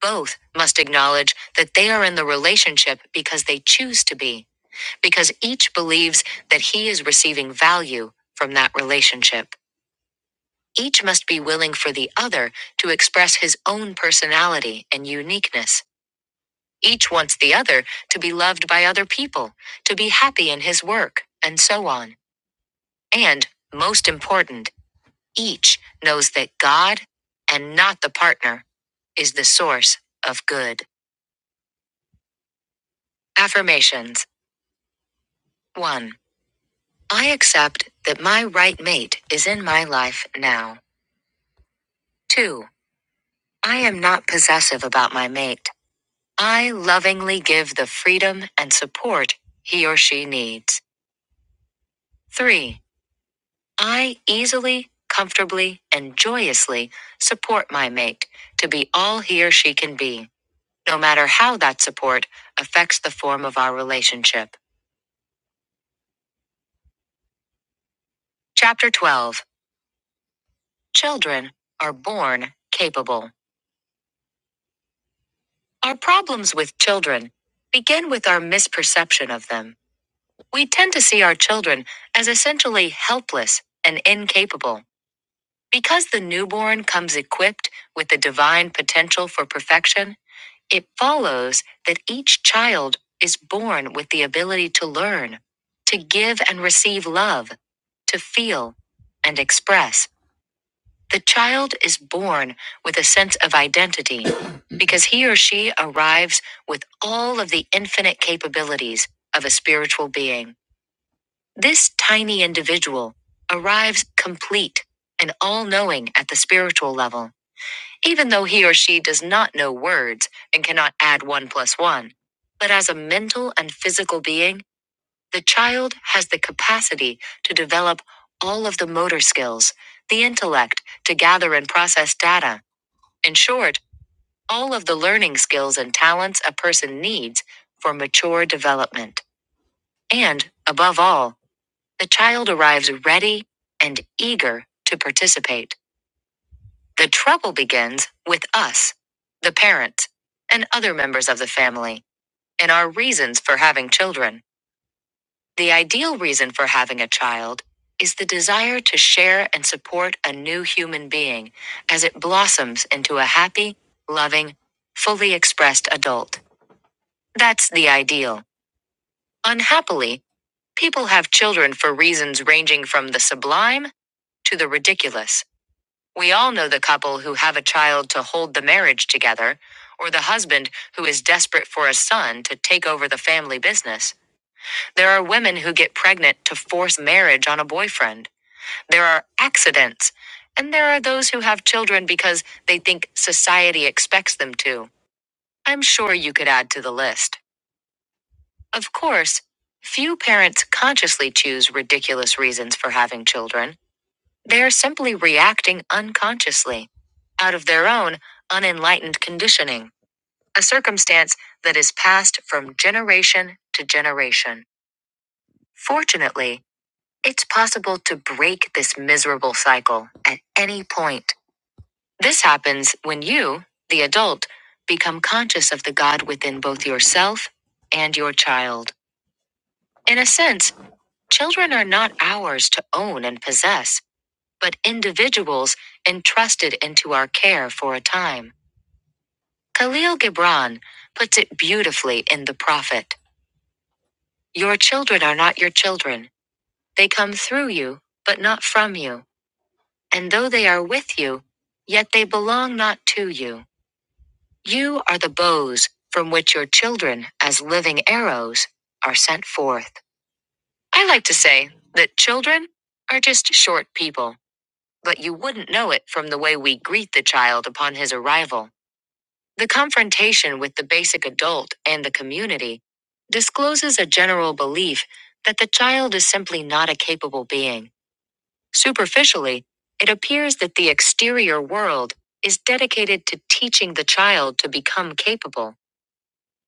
[SPEAKER 1] Both must acknowledge that they are in the relationship because they choose to be, because each believes that he is receiving value from that relationship. Each must be willing for the other to express his own personality and uniqueness. Each wants the other to be loved by other people, to be happy in his work, and so on. And, most important, each knows that God, and not the partner, is the source of good. Affirmations 1. I accept that my right mate is in my life now. 2. I am not possessive about my mate. I lovingly give the freedom and support he or she needs. 3. I easily, comfortably, and joyously support my mate to be all he or she can be, no matter how that support affects the form of our relationship. Chapter 12 Children are born capable. Our problems with children begin with our misperception of them. We tend to see our children as essentially helpless and incapable. Because the newborn comes equipped with the divine potential for perfection, it follows that each child is born with the ability to learn, to give and receive love, to feel and express. The child is born with a sense of identity (clears throat) because he or she arrives with all of the infinite capabilities of a spiritual being. This tiny individual arrives complete and all knowing at the spiritual level even though he or she does not know words and cannot add 1 plus 1. But as a mental and physical being, the child has the capacity to develop all of the motor skills, the intellect to gather and process data. In short, all of the learning skills and talents a person needs for mature development. And, above all, the child arrives ready and eager to participate. The trouble begins with us, the parents, and other members of the family, and our reasons for having children. The ideal reason for having a child is the desire to share and support a new human being as it blossoms into a happy, loving, fully expressed adult. That's the ideal. Unhappily, people have children for reasons ranging from the sublime to the ridiculous. We all know the couple who have a child to hold the marriage together, or the husband who is desperate for a son to take over the family business. There are women who get pregnant to force marriage on a boyfriend. There are accidents. And there are those who have children because they think society expects them to. I'm sure you could add to the list. Of course, few parents consciously choose ridiculous reasons for having children. They are simply reacting unconsciously, out of their own unenlightened conditioning, a circumstance that is passed from generation to generation. Fortunately, it's possible to break this miserable cycle at any point. This happens when you, the adult, become conscious of the God within both yourself and your child. In a sense, children are not ours to own and possess. but individuals entrusted into our care for a time. Khalil Gibran puts it beautifully in The Prophet Your children are not your children. They come through you, but not from you. And though they are with you, yet they belong not to you. You are the bows from which your children, as living arrows, are sent forth. I like to say that children are just short people, but you wouldn't know it from the way we greet the child upon his arrival. The confrontation with the basic adult and the community discloses a general belief that the child is simply not a capable being. Superficially, it appears that the exterior world is dedicated to teaching the child to become capable.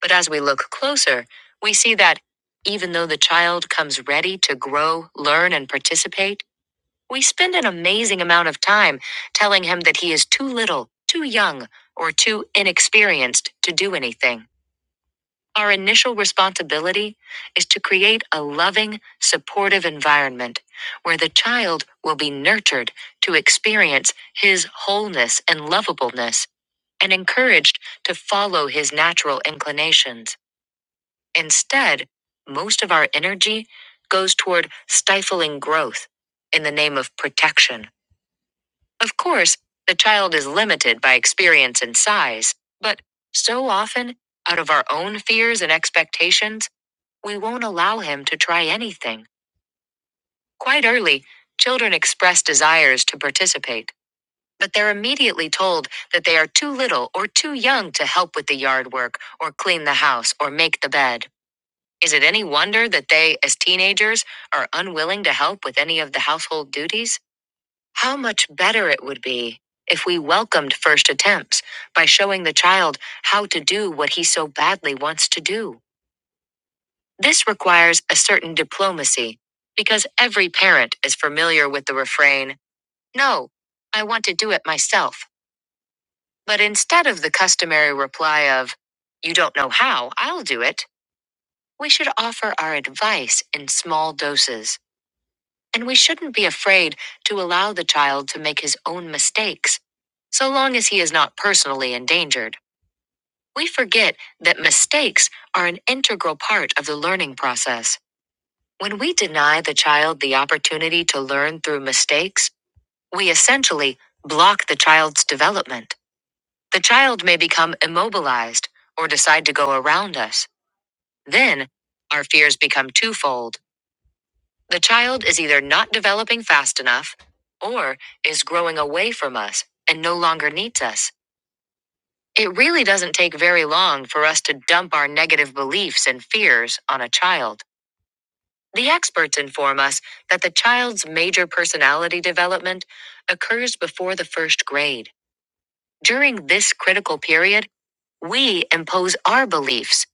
[SPEAKER 1] But as we look closer, we see that even though the child comes ready to grow, learn, and participate, we spend an amazing amount of time telling him that he is too little, too young, or too inexperienced to do anything. Our initial responsibility is to create a loving, supportive environment where the child will be nurtured to experience his wholeness and lovableness and encouraged to follow his natural inclinations. Instead, most of our energy goes toward stifling growth in the name of protection. Of course, the child is limited by experience and size, but so often, out of our own fears and expectations, we won't allow him to try anything. Quite early, children express desires to participate, but they're immediately told that they are too little or too young to help with the yard work or clean the house or make the bed. Is it any wonder that they, as teenagers, are unwilling to help with any of the household duties? How much better it would be if we welcomed first attempts by showing the child how to do what he so badly wants to do. This requires a certain diplomacy, because every parent is familiar with the refrain, No, I want to do it myself. But instead of the customary reply of, You don't know how, I'll do it, we should offer our advice in small doses. and we shouldn't be afraid to allow the child to make his own mistakes, so long as he is not personally endangered. We forget that mistakes are an integral part of the learning process. When we deny the child the opportunity to learn through mistakes, we essentially block the child's development. The child may become immobilized or decide to go around us. Then, our fears become twofold. The child is either not developing fast enough or is growing away from us and no longer needs us. It really doesn't take very long for us to dump our negative beliefs and fears on a child. The experts inform us that the child's major personality development occurs before the first grade. During this critical period, we impose our beliefs,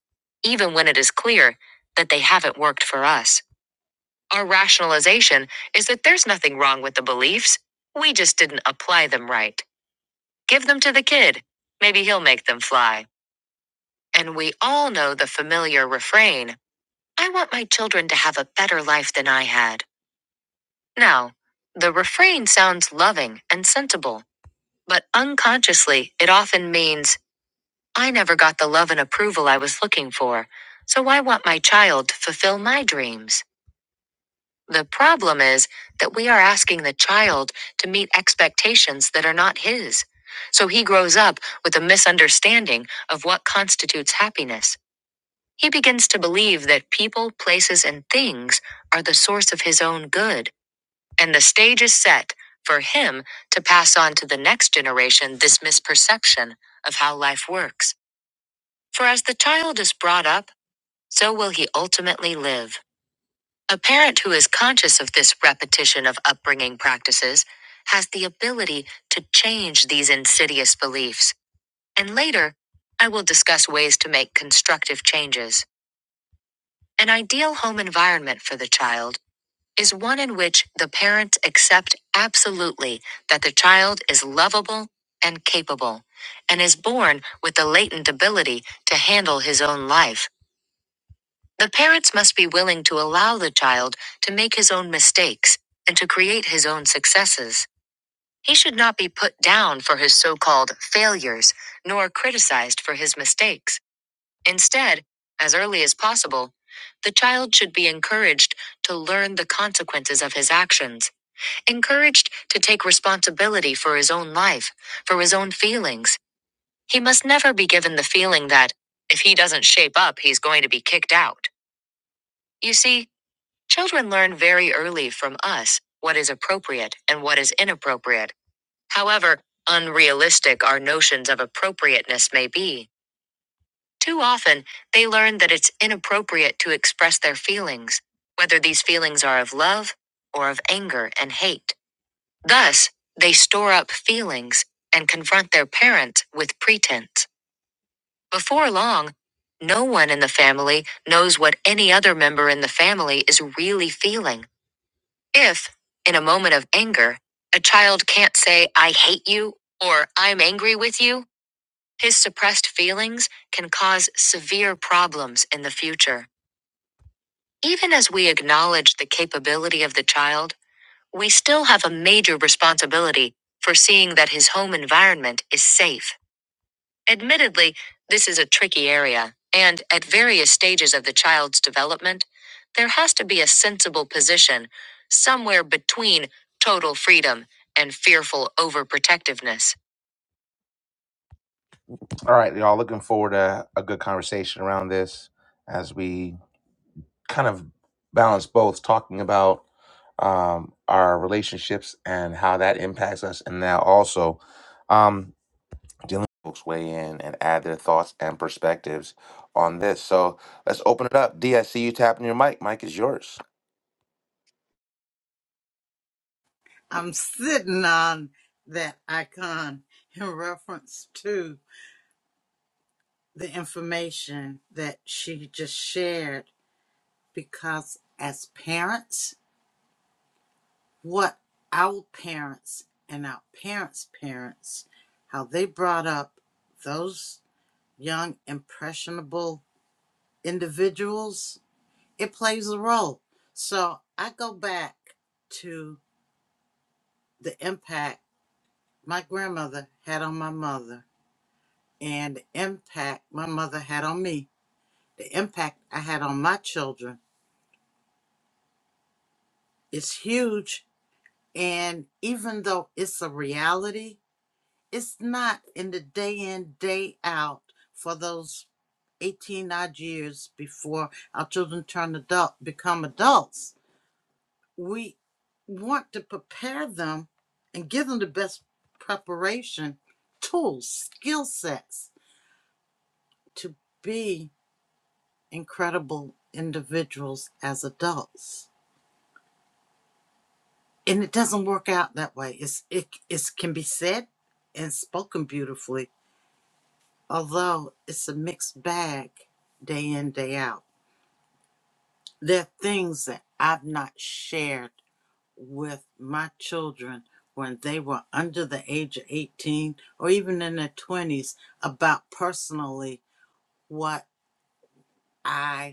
[SPEAKER 1] even when it is clear that they haven't worked for us. Our rationalization is that there's nothing wrong with the beliefs. We just didn't apply them right. Give them to the kid. Maybe he'll make them fly. And we all know the familiar refrain I want my children to have a better life than I had. Now, the refrain sounds loving and sensible, but unconsciously, it often means I never got the love and approval I was looking for, so I want my child to fulfill my dreams. The problem is that we are asking the child to meet expectations that are not his. So he grows up with a misunderstanding of what constitutes happiness. He begins to believe that people, places, and things are the source of his own good. And the stage is set for him to pass on to the next generation this misperception of how life works. For as the child is brought up, so will he ultimately live. A parent who is conscious of this repetition of upbringing practices has the ability to change these insidious beliefs. And later, I will discuss ways to make constructive changes. An ideal home environment for the child is one in which the parents accept absolutely that the child is lovable and capable and is born with the latent ability to handle his own life. The parents must be willing to allow the child to make his own mistakes and to create his own successes. He should not be put down for his so called failures, nor criticized for his mistakes. Instead, as early as possible, the child should be encouraged to learn the consequences of his actions, encouraged to take responsibility for his own life, for his own feelings. He must never be given the feeling that, if he doesn't shape up, he's going to be kicked out. You see, Children learn very early from us what is appropriate and what is inappropriate. However, unrealistic our notions of appropriateness may be. Too often, they learn that it's inappropriate to express their feelings, whether these feelings are of love or of anger and hate. Thus, they store up feelings and confront their parents with pretense. Before long, no one in the family knows what any other member in the family is really feeling If, in a moment of anger, a child can't say, I hate you or I'm angry with you, his suppressed feelings can cause severe problems in the future. Even as we acknowledge the capability of the child, we still have a major responsibility for seeing that his home environment is safe. Admittedly, this is a tricky area, and at various stages of the child's development, there has to be a sensible position somewhere between total freedom and fearful overprotectiveness. All right, y'all, looking forward to a good conversation around this as we kind of balance both talking about um, our relationships and how that impacts us, and now also. Um, dealing folks weigh in and add their thoughts and perspectives on this. So let's open it up. D, I see you tapping your mic. Mic is yours.
[SPEAKER 2] I'm sitting on that icon (laughs) in reference to the information that she just shared because as parents what our parents and our parents' parents, how they brought up those young, impressionable individuals, it plays a role. So I go back to the impact my grandmother had on my mother and the impact my mother had on me, the impact I had on my children. It's huge. And even though it's a reality, it's not in the day in day out for those 18 odd years before our children turn adult become adults we want to prepare them and give them the best preparation tools skill sets to be incredible individuals as adults and it doesn't work out that way it's it, it can be said and spoken beautifully although it's a mixed bag day in, day out, there are things that I've not shared with my children when they were under the age of 18 or even in their 20s about personally what I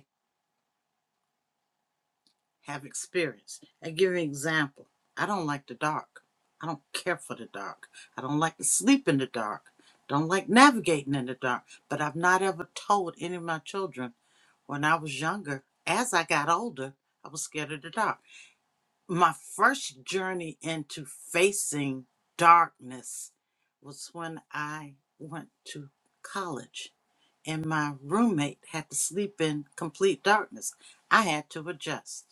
[SPEAKER 2] have experienced. I give you an example. I don't like the dark. I don't care for the dark. I don't like to sleep in the dark. Don't like navigating in the dark. But I've not ever told any of my children when I was younger, as I got older, I was scared of the dark. My first journey into facing darkness was when I went to college and my roommate had to sleep in complete darkness. I had to adjust.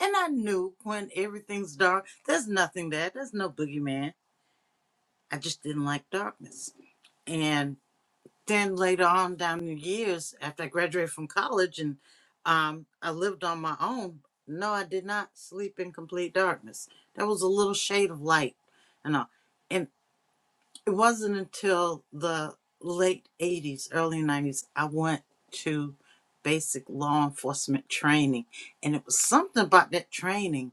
[SPEAKER 2] And I knew when everything's dark, there's nothing there. There's no boogeyman. I just didn't like darkness. And then later on down the years, after I graduated from college and um, I lived on my own, no, I did not sleep in complete darkness. There was a little shade of light and all. And it wasn't until the late 80s, early 90s, I went to basic law enforcement training. And it was something about that training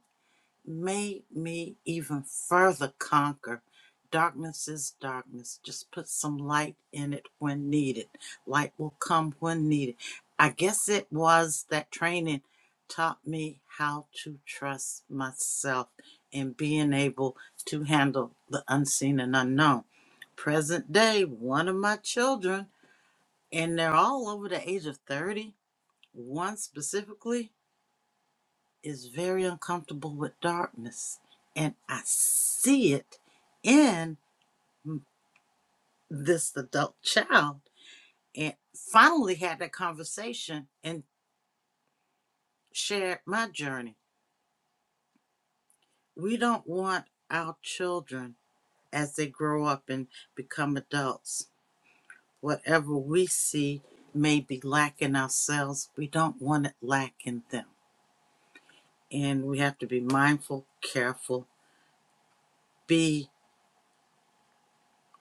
[SPEAKER 2] made me even further conquer. Darkness is darkness. Just put some light in it when needed. Light will come when needed. I guess it was that training taught me how to trust myself and being able to handle the unseen and unknown. Present day, one of my children, and they're all over the age of 30, one specifically is very uncomfortable with darkness, and I see it in this adult child. And finally had that conversation and shared my journey. We don't want our children as they grow up and become adults, whatever we see may be lacking ourselves, we don't want it lacking them. And we have to be mindful, careful, be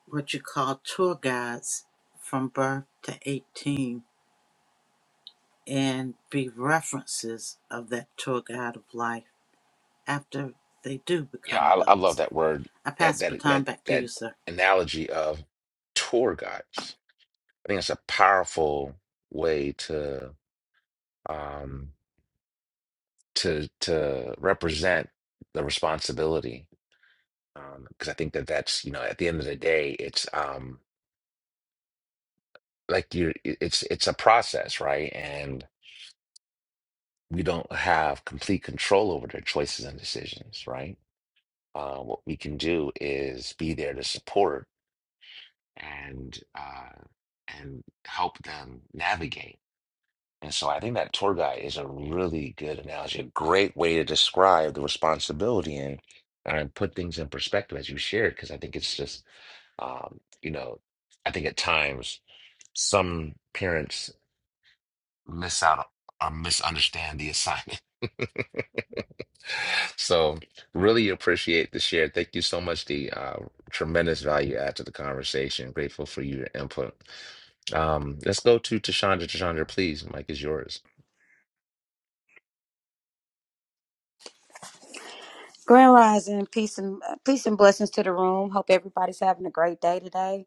[SPEAKER 2] what you call tour guides from birth to 18 and be references of that tour guide of life after they do
[SPEAKER 1] Yeah,
[SPEAKER 2] become
[SPEAKER 1] I, I love
[SPEAKER 2] adults.
[SPEAKER 1] that word,
[SPEAKER 2] I
[SPEAKER 1] that
[SPEAKER 2] pass the
[SPEAKER 1] that
[SPEAKER 2] baton
[SPEAKER 1] that
[SPEAKER 2] back to
[SPEAKER 1] that
[SPEAKER 2] you, sir.
[SPEAKER 1] analogy of tour guides. I think it's a powerful way to um to to represent the responsibility. Um, because I think that that's, you know, at the end of the day, it's um like you it- it's it's a process, right? and we don't have complete control over their choices and decisions, right? Uh, what we can do is be there to support and uh, and help them navigate. And so I think that tour guide is a really good analogy, a great way to describe the responsibility and and put things in perspective as you shared, because I think it's just um, you know, I think at times some parents miss out or misunderstand the assignment. (laughs) So, really appreciate the share. Thank you so much. The uh, tremendous value add to the conversation. Grateful for your input. Um, let's go to Tashandra. Tashandra, please. Mike is yours.
[SPEAKER 9] Grand Rising, peace and uh, peace and blessings to the room. Hope everybody's having a great day today.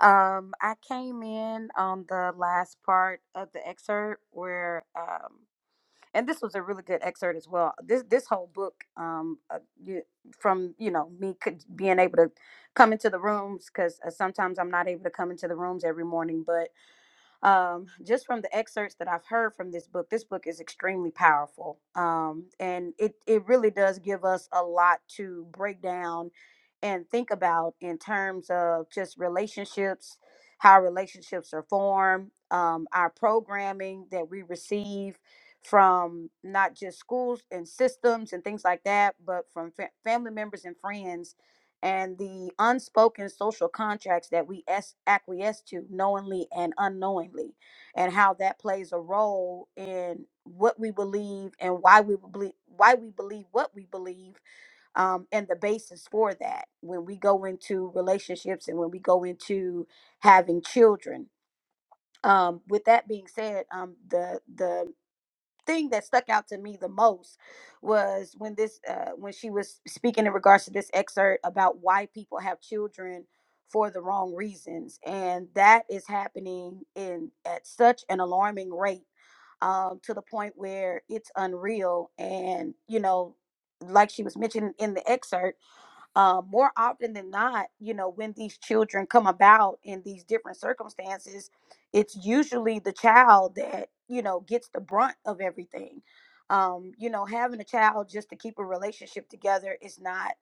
[SPEAKER 9] Um, I came in on the last part of the excerpt where, um, and this was a really good excerpt as well. This this whole book, um, uh, you, from you know me could, being able to come into the rooms because uh, sometimes I'm not able to come into the rooms every morning, but um, just from the excerpts that I've heard from this book, this book is extremely powerful. Um, and it, it really does give us a lot to break down and think about in terms of just relationships, how relationships are formed, um, our programming that we receive from not just schools and systems and things like that, but from fa- family members and friends and the unspoken social contracts that we es- acquiesce to knowingly and unknowingly, and how that plays a role in what we believe and why we believe why we believe what we believe um, and the basis for that when we go into relationships and when we go into having children um, with that being said um, the the thing that stuck out to me the most was when this uh, when she was speaking in regards to this excerpt about why people have children for the wrong reasons and that is happening in at such an alarming rate um, to the point where it's unreal and you know like she was mentioning in the excerpt uh, more often than not, you know, when these children come about in these different circumstances, it's usually the child that, you know, gets the brunt of everything. Um, you know, having a child just to keep a relationship together is not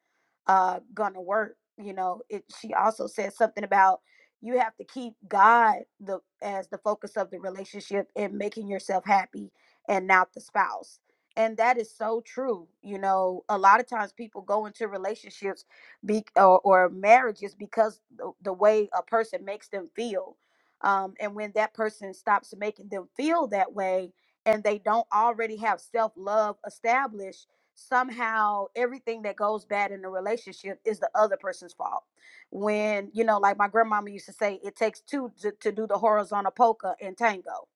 [SPEAKER 9] uh, gonna work. You know, it, she also says something about you have to keep God the as the focus of the relationship and making yourself happy and not the spouse. And that is so true. You know, a lot of times people go into relationships be or, or marriages because the, the way a person makes them feel um, and when that person stops making them feel that way and they don't already have self-love established somehow everything that goes bad in the relationship is the other person's fault when you know like my grandmama used to say it takes two to, to do the horizontal polka and tango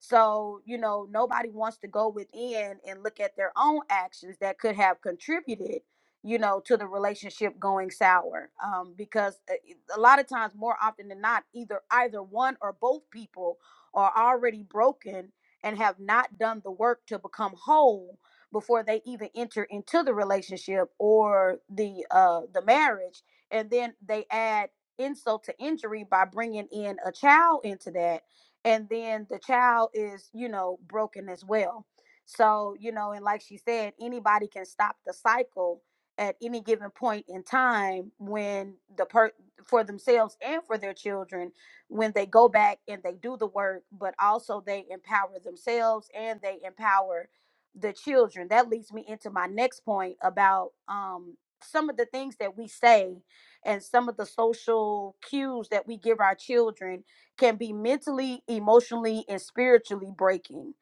[SPEAKER 9] so you know nobody wants to go within and look at their own actions that could have contributed you know, to the relationship going sour. Um, because a a lot of times, more often than not, either either one or both people are already broken and have not done the work to become whole before they even enter into the relationship or the uh the marriage and then they add insult to injury by bringing in a child into that and then the child is you know broken as well so you know and like she said anybody can stop the cycle at any given point in time when the per for themselves and for their children when they go back and they do the work but also they empower themselves and they empower the children that leads me into my next point about um some of the things that we say and some of the social cues that we give our children can be mentally emotionally and spiritually breaking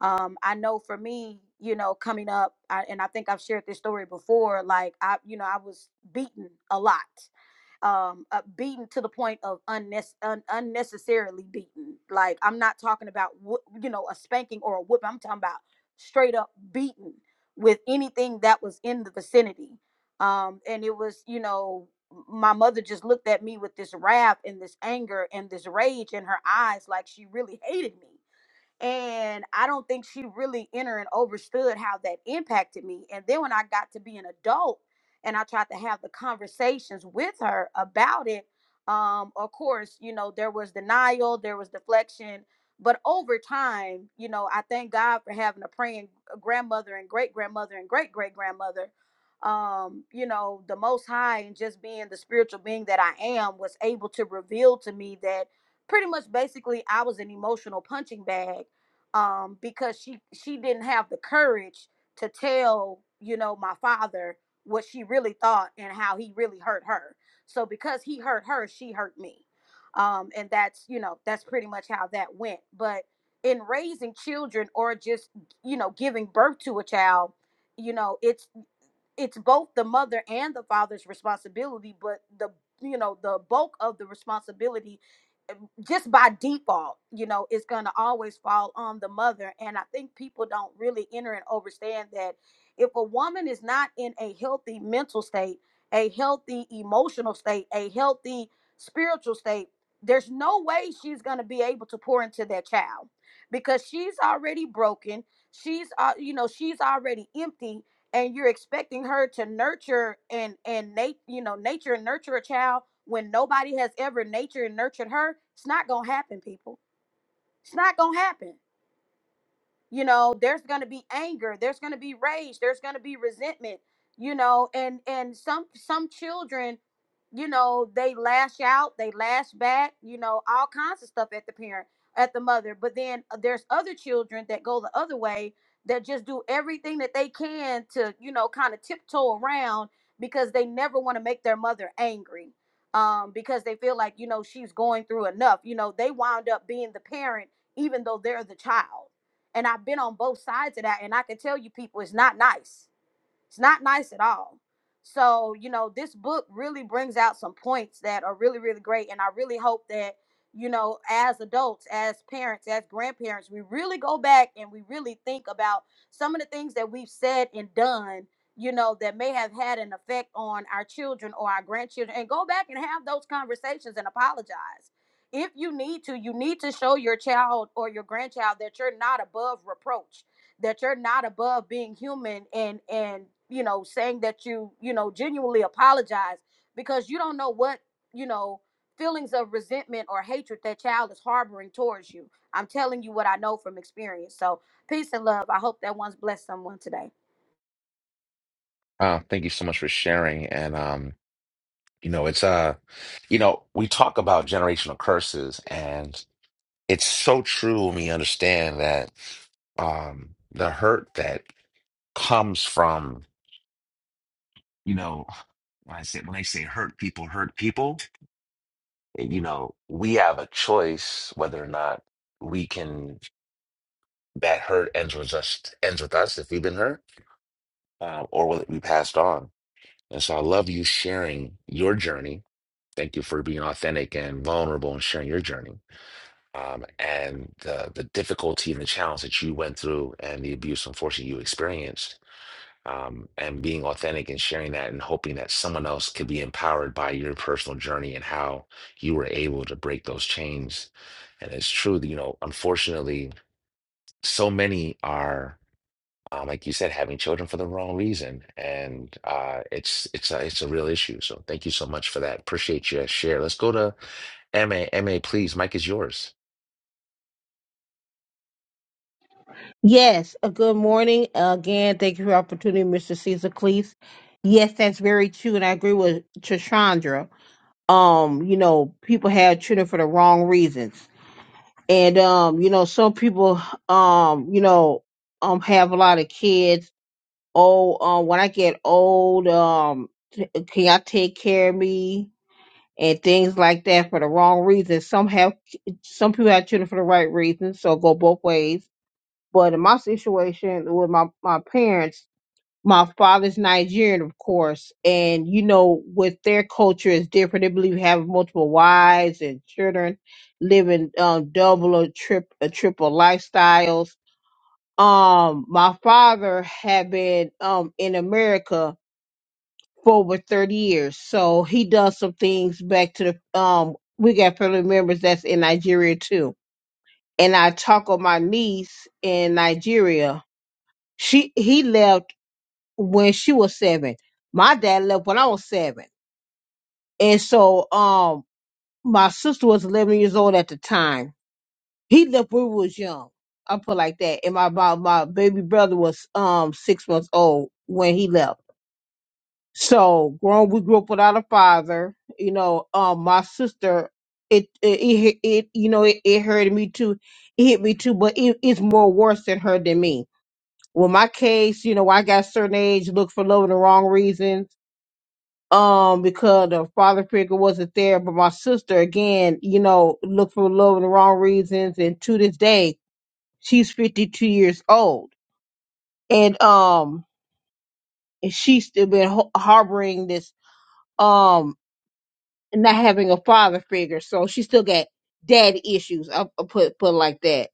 [SPEAKER 9] um i know for me you know coming up I, and i think i've shared this story before like i you know i was beaten a lot um uh, beaten to the point of unnes- un- unnecessarily beaten like i'm not talking about wh- you know a spanking or a whoop i'm talking about straight up beaten with anything that was in the vicinity um and it was you know my mother just looked at me with this wrath and this anger and this rage in her eyes like she really hated me and I don't think she really entered and understood how that impacted me. And then when I got to be an adult and I tried to have the conversations with her about it, um, of course, you know, there was denial, there was deflection. But over time, you know, I thank God for having a praying grandmother and great grandmother and great great grandmother. Um, you know, the Most High and just being the spiritual being that I am was able to reveal to me that pretty much basically I was an emotional punching bag um, because she she didn't have the courage to tell you know my father what she really thought and how he really hurt her. So because he hurt her, she hurt me, um, and that's you know that's pretty much how that went. But in raising children or just you know giving birth to a child, you know it's it's both the mother and the father's responsibility, but the you know the bulk of the responsibility just by default, you know, it's going to always fall on the mother. And I think people don't really enter and understand that if a woman is not in a healthy mental state, a healthy emotional state, a healthy spiritual state, there's no way she's going to be able to pour into that child because she's already broken. She's, uh, you know, she's already empty and you're expecting her to nurture and and nat- you know nature and nurture a child when nobody has ever nature and nurtured her it's not gonna happen people it's not gonna happen you know there's going to be anger there's going to be rage there's going to be resentment you know and and some some children you know they lash out they lash back you know all kinds of stuff at the parent at the mother but then uh, there's other children that go the other way that just do everything that they can to you know kind of tiptoe around because they never want to make their mother angry um because they feel like you know she's going through enough you know they wound up being the parent even though they're the child and I've been on both sides of that. And I can tell you people it's not nice. It's not nice at all. So, you know, this book really brings out some points that are really, really great. And I really hope that, you know, as adults, as parents, as grandparents, we really go back and we really think about some of the things that we've said and done, you know, that may have had an effect on our children or our grandchildren and go back and have those conversations and apologize. If you need to, you need to show your child or your grandchild that you're not above reproach that you're not above being human and and you know saying that you you know genuinely apologize because you don't know what you know feelings of resentment or hatred that child is harboring towards you i'm telling you what i know from experience so peace and love i hope that one's blessed someone today
[SPEAKER 1] Uh, thank you so much for sharing. And um, you know, it's uh, you know, we talk about generational curses, and it's so true when we understand that um, the hurt that comes from. you know, when I say when they say hurt people, hurt people, you know, we have a choice whether or not we can that hurt ends with us ends with us if we've been hurt, uh, or whether we passed on. And so I love you sharing your journey. Thank you for being authentic and vulnerable and sharing your journey. Um, and the the difficulty and the challenge that you went through and the abuse unfortunately you experienced um, and being authentic and sharing that and hoping that someone else could be empowered by your personal journey and how you were able to break those chains. And it's true that, you know, unfortunately, so many are, um, like you said, having children for the wrong reason. And uh, it's it's a, it's a real issue. So thank you so much for that. Appreciate your share. Let's go to M A. M A. please. Mike is yours.
[SPEAKER 3] Yes, uh, good morning. Uh, Again, thank you for the opportunity, Mr. Caesar Cleese. Yes, that's very true, and I agree with Chandra. Um, you know, people have children for the wrong reasons. And um, you know, some people um, you know, um have a lot of kids. Oh, um, when I get old, um, t- can y'all take care of me? And things like that for the wrong reasons. Some have some people have children for the right reasons, so go both ways but in my situation with my, my parents, my father's Nigerian, of course, and you know, with their culture is different. They believe having multiple wives and children, living um, double or trip or triple lifestyles. Um, my father had been um in America for over thirty years, so he does some things back to the um. We got family members that's in Nigeria too, and I talk with my niece in Nigeria she he left when she was seven. My dad left when I was seven. And so um my sister was eleven years old at the time. He left when we was young. I put it like that. And my my, my baby brother was um six months old when he left. So grown we grew up without a father. You know, um my sister it it it, hit- it you know it, it hurt me too. It hit me too, but it, it's more worse than her than me Well, my case, you know, I got certain age, looked for love in the wrong reasons. Um, because the father figure wasn't there, but my sister again, you know, looked for love in the wrong reasons, and to this day, she's fifty two years old, and um, and she's still been ho- harboring this um not having a father figure, so she still got daddy issues. I, I put put it like that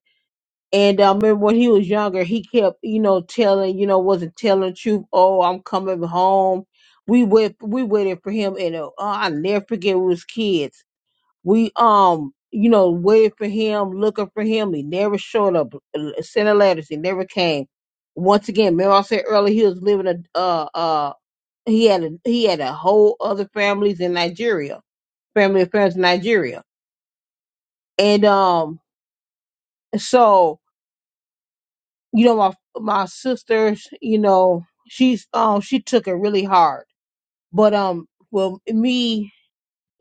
[SPEAKER 3] And I remember when he was younger, he kept, you know, telling, you know, wasn't telling the truth. Oh, I'm coming home. We wait, we waited for him, and uh, oh, I never forget. We was kids. We um, you know, waited for him, looking for him. He never showed up. uh, Sending letters, he never came. Once again, remember I said earlier, he was living a uh uh he had a he had a whole other families in Nigeria, family affairs in Nigeria, and um, so you know my my sisters you know she's um she took it really hard but um well me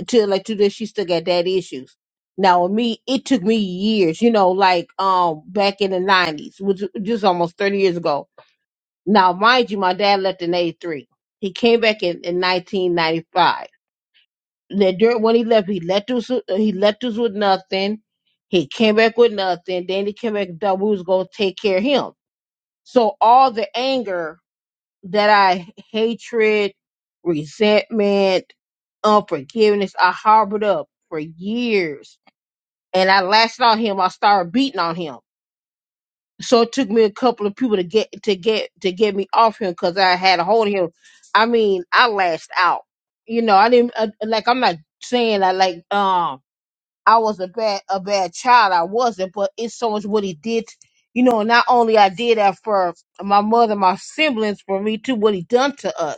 [SPEAKER 3] to like to this she still got dad issues now with me it took me years you know like um back in the 90s which just almost 30 years ago now mind you my dad left in 83 he came back in, in 1995 now, during when he left he left us he left us with nothing he came back with nothing then he came back and thought we was going to take care of him so all the anger that I hatred, resentment, unforgiveness. I harbored up for years, and I lashed out him. I started beating on him. So it took me a couple of people to get to get to get me off him because I had a hold of him. I mean, I lashed out. You know, I didn't uh, like. I'm not saying I like. Um, I was a bad a bad child. I wasn't, but it's so much what he did. You know, not only I did that for my mother, my siblings, for me too. What he done to us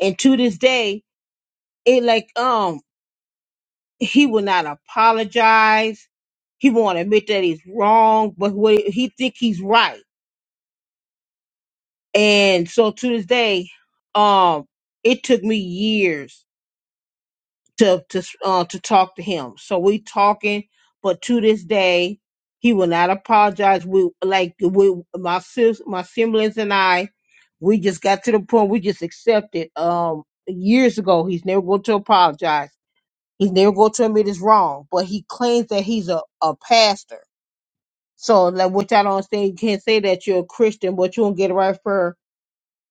[SPEAKER 3] and to this day it like um he will not apologize he won't admit that he's wrong but what he think he's right and so to this day um it took me years to to uh, to talk to him so we talking but to this day he will not apologize we like we my sis my siblings and i we just got to the point we just accepted um years ago he's never going to apologize He's never going to admit it's wrong, but he claims that he's a, a pastor. So, like, which I don't understand, you can't say that you're a Christian, but you won't get it right for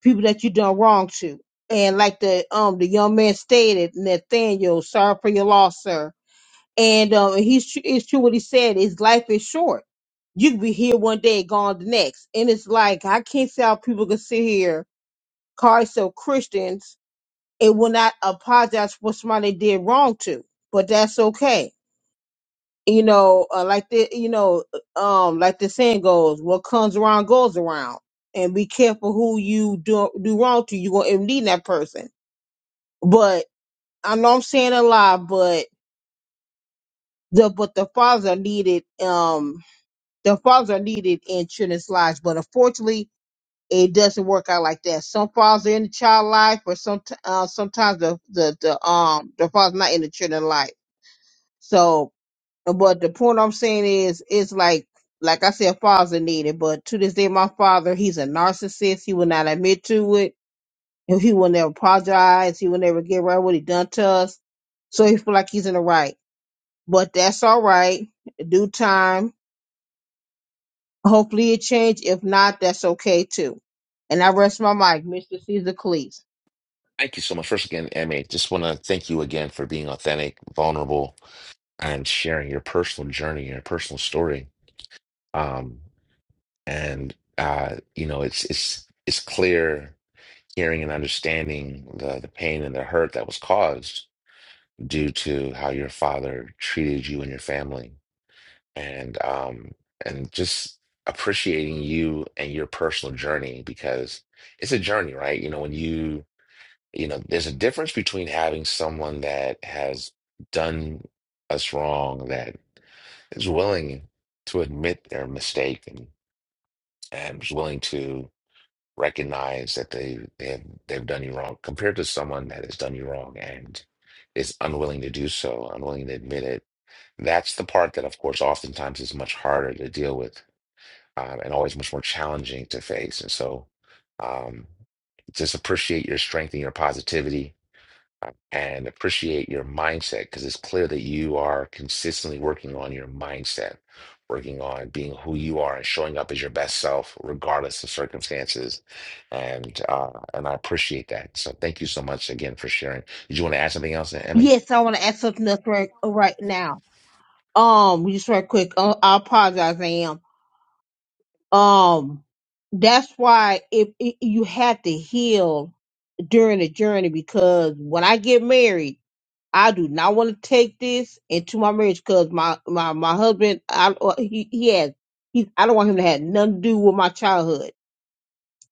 [SPEAKER 3] people that you done wrong to. And like the um the young man stated, Nathaniel, sorry for your loss, sir. And um, he's tr- it's true what he said. His life is short. You can be here one day, gone the next. And it's like I can't see how people can sit here, call themselves Christians, and will not apologize for what somebody they did wrong to. But that's okay you know, uh, like the you know, uh, um, like the saying goes, what comes around goes around, and be careful who you do do wrong to. You gonna end up needing that person. But I know I'm saying a lot, but the but the fathers are needed. Um, the fathers are needed in children's lives, but unfortunately, it doesn't work out like that. Some fathers are in the child life, but some uh, sometimes the the the um the fathers not in the children's life. So But the point I'm saying is, it's like, like I said, fathers are needed. But to this day, my father, he's a narcissist. He will not admit to it. And He will never apologize. He will never get right what he done to us. So he feel like he's in the right. But that's all right. Due time. Hopefully it change. If not, that's okay too. And I rest my mic, Mr. Caesar Cleese.
[SPEAKER 1] Thank you so much. First again, MA, just want to thank you again for being authentic, vulnerable, and sharing your personal journey, your personal story um, and uh, you know it's it's it's clear hearing and understanding the the pain and the hurt that was caused due to how your father treated you and your family and um and just appreciating you and your personal journey because it's a journey right you know when you you know there's a difference between having someone that has done us wrong that is willing to admit their mistake and and is willing to recognize that they they have they've done you wrong compared to someone that has done you wrong and is unwilling to do so, unwilling to admit it. That's the part that, of course, oftentimes is much harder to deal with um, and always much more challenging to face. And so, um, just appreciate your strength and your positivity and appreciate your mindset because it's clear that you are consistently working on your mindset, working on being who you are and showing up as your best self regardless of circumstances. And uh, and I appreciate that. So thank you so much again for sharing. Did you want to add something else, Emmy?
[SPEAKER 3] Yes, I want to ask something else right, right now. Um, just right quick. Uh, I apologize, I am. um that's why it, it you have to heal during the journey because when I get married, I do not want to take this into my marriage because my my my husband I uh, he he has he I don't want him to have nothing to do with my childhood.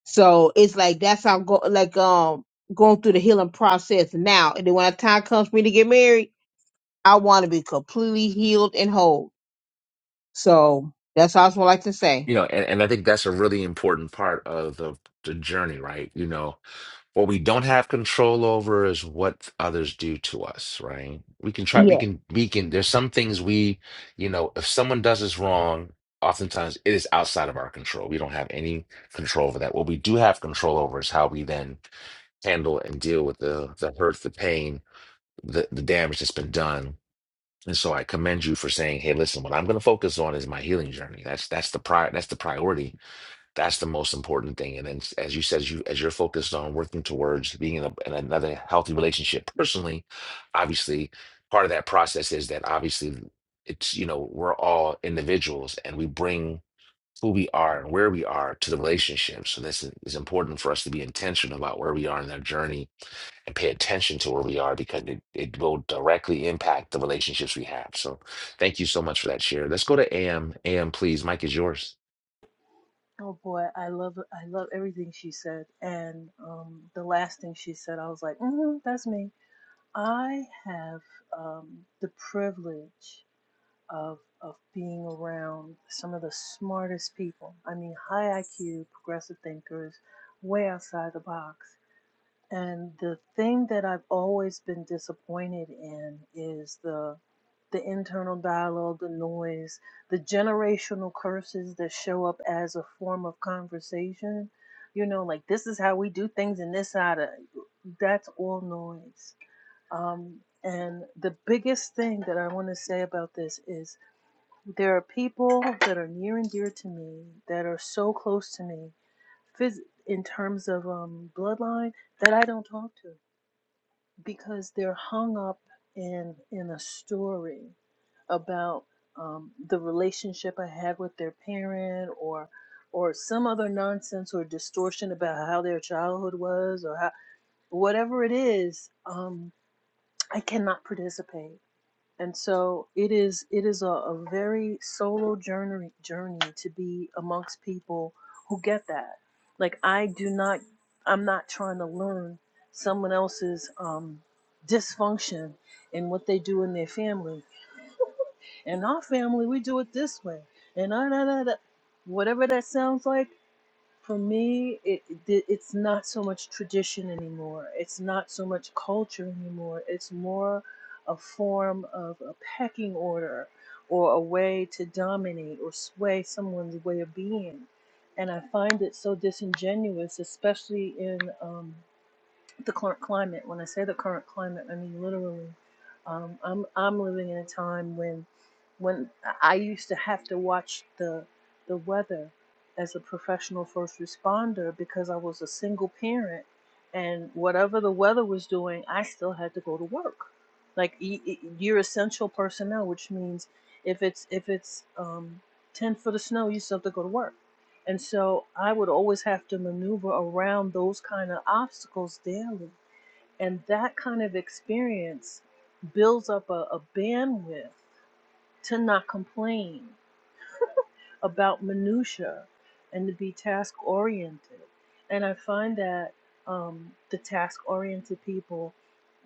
[SPEAKER 3] So it's like that's how I'm go like um going through the healing process now. And then when the time comes for me to get married, I want to be completely healed and whole. So that's all I would like to say.
[SPEAKER 1] You know, and, and I think that's a really important part of the, the journey, right? You know, What we don't have control over is what others do to us, right? We can try, we can, we can, there's some things we, you know, if someone does us wrong, oftentimes it is outside of our control. We don't have any control over that. What we do have control over is how we then handle and deal with the the hurt, the pain, the, the damage that's been done. And so I commend you for saying, hey, listen, what I'm going to focus on is my healing journey. That's that's the pri that's the priority that's the most important thing. And then, as you said, as you as you're focused on working towards being in, a, in another healthy relationship personally, obviously, part of that process is that obviously it's you know we're all individuals and we bring who we are and where we are to the relationship. So this is it's important for us to be intentional about where we are in that journey and pay attention to where we are because it, it will directly impact the relationships we have. So thank you so much for that share. Let's go to AM. AM, please. Mike is yours.
[SPEAKER 6] Oh boy, I love I love everything she said, and um, the last thing she said, I was like, mm that's me. I have um, the privilege of of being around some of the smartest people. I mean, high IQ, progressive thinkers, way outside the box And the thing that I've always been disappointed in is the the internal dialogue, the noise, the generational curses that show up as a form of conversation. You know, like this is how we do things in this side of that's all noise. Um, and the biggest thing that I want to say about this is there are people that are near and dear to me that are so close to me phys- in terms of um, bloodline that I don't talk to because they're hung up in in a story about um, the relationship I had with their parent or or some other nonsense or distortion about how their childhood was or how whatever it is, um, I cannot participate and so it is it is a, a very solo journey journey to be amongst people who get that like i do not i'm not trying to learn someone else's um dysfunction and what they do in their family (laughs) in our family we do it this way and da, da, da, da. whatever that sounds like for me, it, it it's not so much tradition anymore. It's not so much culture anymore. It's more a form of a pecking order or a way to dominate or sway someone's way of being. And I find it so disingenuous, especially in um, the current climate. When I say the current climate, I mean literally. Um, I'm I'm living in a time when when I used to have to watch the the weather as a professional first responder because I was a single parent, and whatever the weather was doing, I still had to go to work. Like e- e- you're essential personnel, which means if it's if it's um, ten foot of snow, you still have to go to work and so I would always have to maneuver around those kind of obstacles daily. And that kind of experience builds up a, a bandwidth to not complain about minutia and to be task oriented. And I find that um, the task oriented people,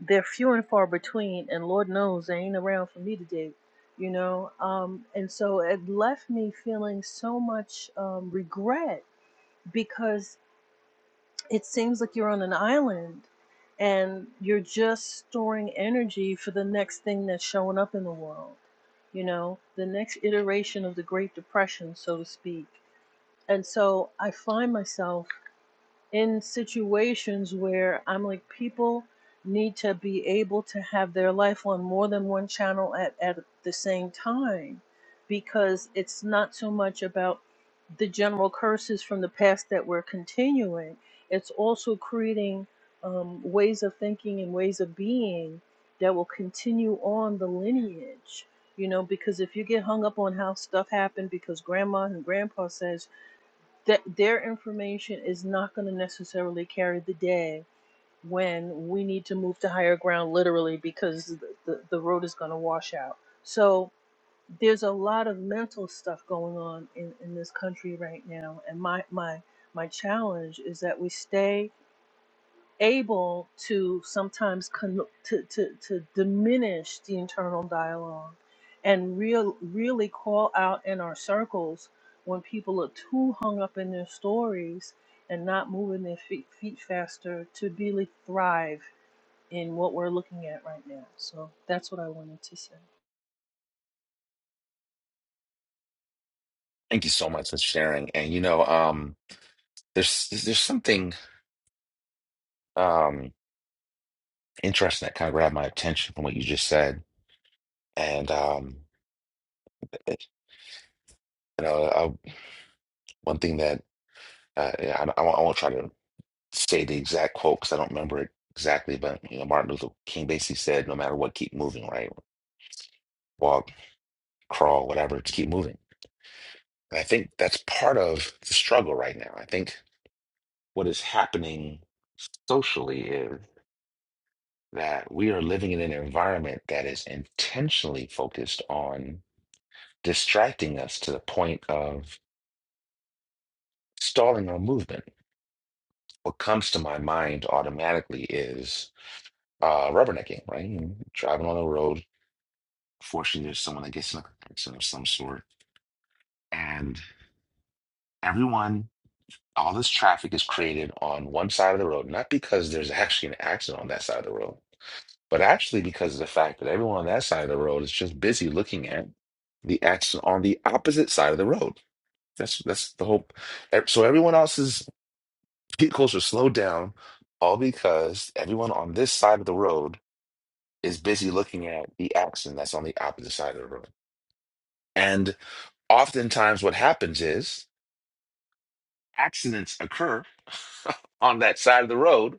[SPEAKER 6] they're few and far between, and Lord knows they ain't around for me today, you know? Um, and so it left me feeling so much um, regret because it seems like you're on an island and you're just storing energy for the next thing that's showing up in the world, you know, the next iteration of the Great Depression, so to speak. And so I find myself in situations where I'm like, people need to be able to have their life on more than one channel at, at the same time because it's not so much about the general curses from the past that we're continuing, it's also creating um, ways of thinking and ways of being that will continue on the lineage. You know, because if you get hung up on how stuff happened because grandma and grandpa says, that their information is not going to necessarily carry the day when we need to move to higher ground literally because the, the, the road is going to wash out so there's a lot of mental stuff going on in, in this country right now and my my my challenge is that we stay able to sometimes con- to, to, to diminish the internal dialogue and real, really call out in our circles when people are too hung up in their stories and not moving their feet, feet faster to really thrive in what we're looking at right now. So that's what I wanted to say.
[SPEAKER 1] Thank you so much for sharing. And you know, um, there's there's something um interesting that kind of grabbed my attention from what you just said. And um, it- you know, I, one thing that uh, I, I won't I won't try to say the exact quote because I don't remember it exactly, but you know, Martin Luther King basically said, "No matter what, keep moving, right? Walk, crawl, whatever, just keep moving." And I think that's part of the struggle right now. I think what is happening socially is. that we are living in an environment that is intentionally focused on distracting us to the point of stalling our movement. What comes to my mind automatically is uh, rubbernecking, right? You Driving on the road. Fortunately, there's someone that gets in an accident of some sort, and everyone, all this traffic is created on one side of the road, not because there's actually an accident on that side of the road, but actually because of the fact that everyone on that side of the road is just busy looking at the action on the opposite side of the road. That's that's the whole. So everyone else's vehicles are slowed down, all because everyone on this side of the road is busy looking at the accident that's on the opposite side of the road. And oftentimes, what happens is accidents occur (laughs) on that side of the road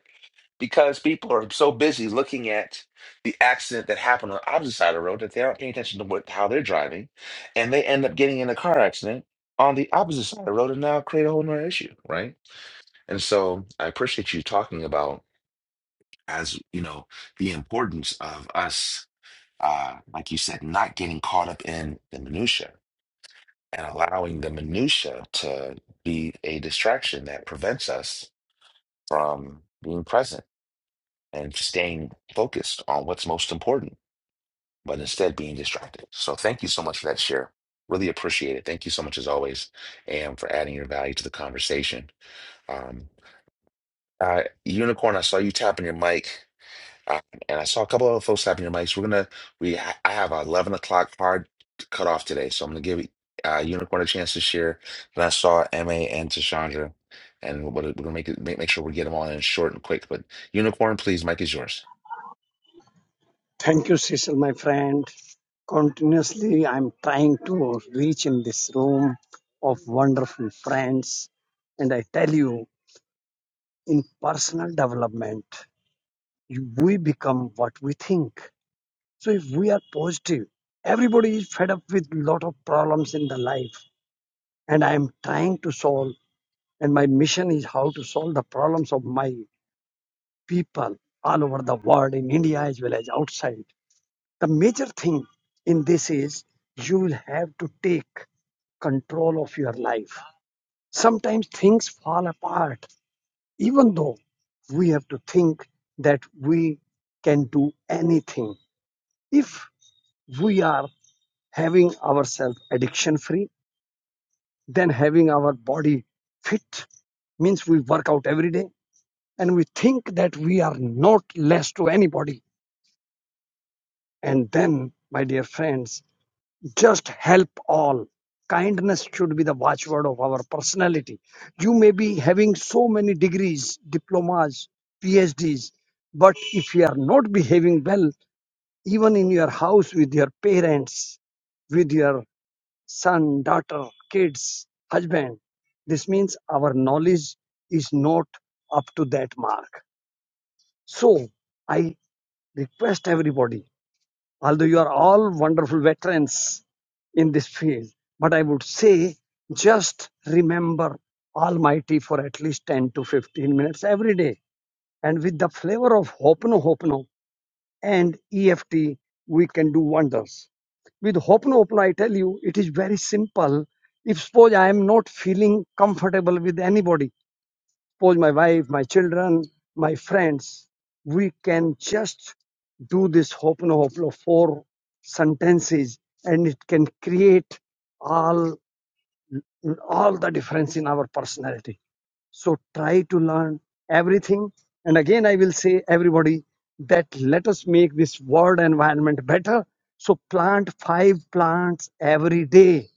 [SPEAKER 1] because people are so busy looking at the accident that happened on the opposite side of the road that they aren't paying attention to what how they're driving, and they end up getting in a car accident on the opposite side of the road and now create a whole nother issue, right? And so I appreciate you talking about as you know the importance of us, uh, like you said, not getting caught up in the minutia and allowing the minutia to be a distraction that prevents us from being present and staying focused on what's most important, but instead being distracted. So thank you so much for that share. Really appreciate it. Thank you so much as always, and for adding your value to the conversation. Um, uh, Unicorn, I saw you tapping your mic, uh, and I saw a couple of other folks tapping your mics. We're gonna we I have a eleven o'clock hard cutoff today, so I'm gonna give uh, Unicorn a chance to share. Then I saw Ma and Tashandra, and we're we're gonna make it make, make sure we get them all in short and quick. But Unicorn, please, mic is yours.
[SPEAKER 10] Thank you, Cecil, my friend. Continuously, I'm trying to reach in this room of wonderful friends. And I tell you, in personal development, you- we become what we think. So if we are positive, everybody is fed up with lot of problems in the life. And I am trying to solve, and my mission is how to solve the problems of my people all over the world, in India as well as outside. the major thing in this is you will have to take control of your life. Sometimes things fall apart, even though we have to think that we can do anything. If we are having ourselves addiction free, then having our body fit means we work out every day and we think that we are not less to anybody. And then, my dear friends, just help all kindness should be the watchword of our personality you may be having so many degrees diplomas phds but if you are not behaving well even in your house with your parents with your son daughter kids husband this means our knowledge is not up to that mark so i request everybody although you are all wonderful veterans in this field, but I would say just remember Almighty for at least 10 to 15 minutes every day. And with the flavor of Hopono Hopono and EFT, we can do wonders. With Hopono Hopono, I tell you, it is very simple. If suppose I am not feeling comfortable with anybody, suppose my wife, my children, my friends, we can just do this hopno hoplo four sentences and it can create all all the difference in our personality. So try to learn everything. And again I will say everybody that let us make this world environment better. So plant five plants every day.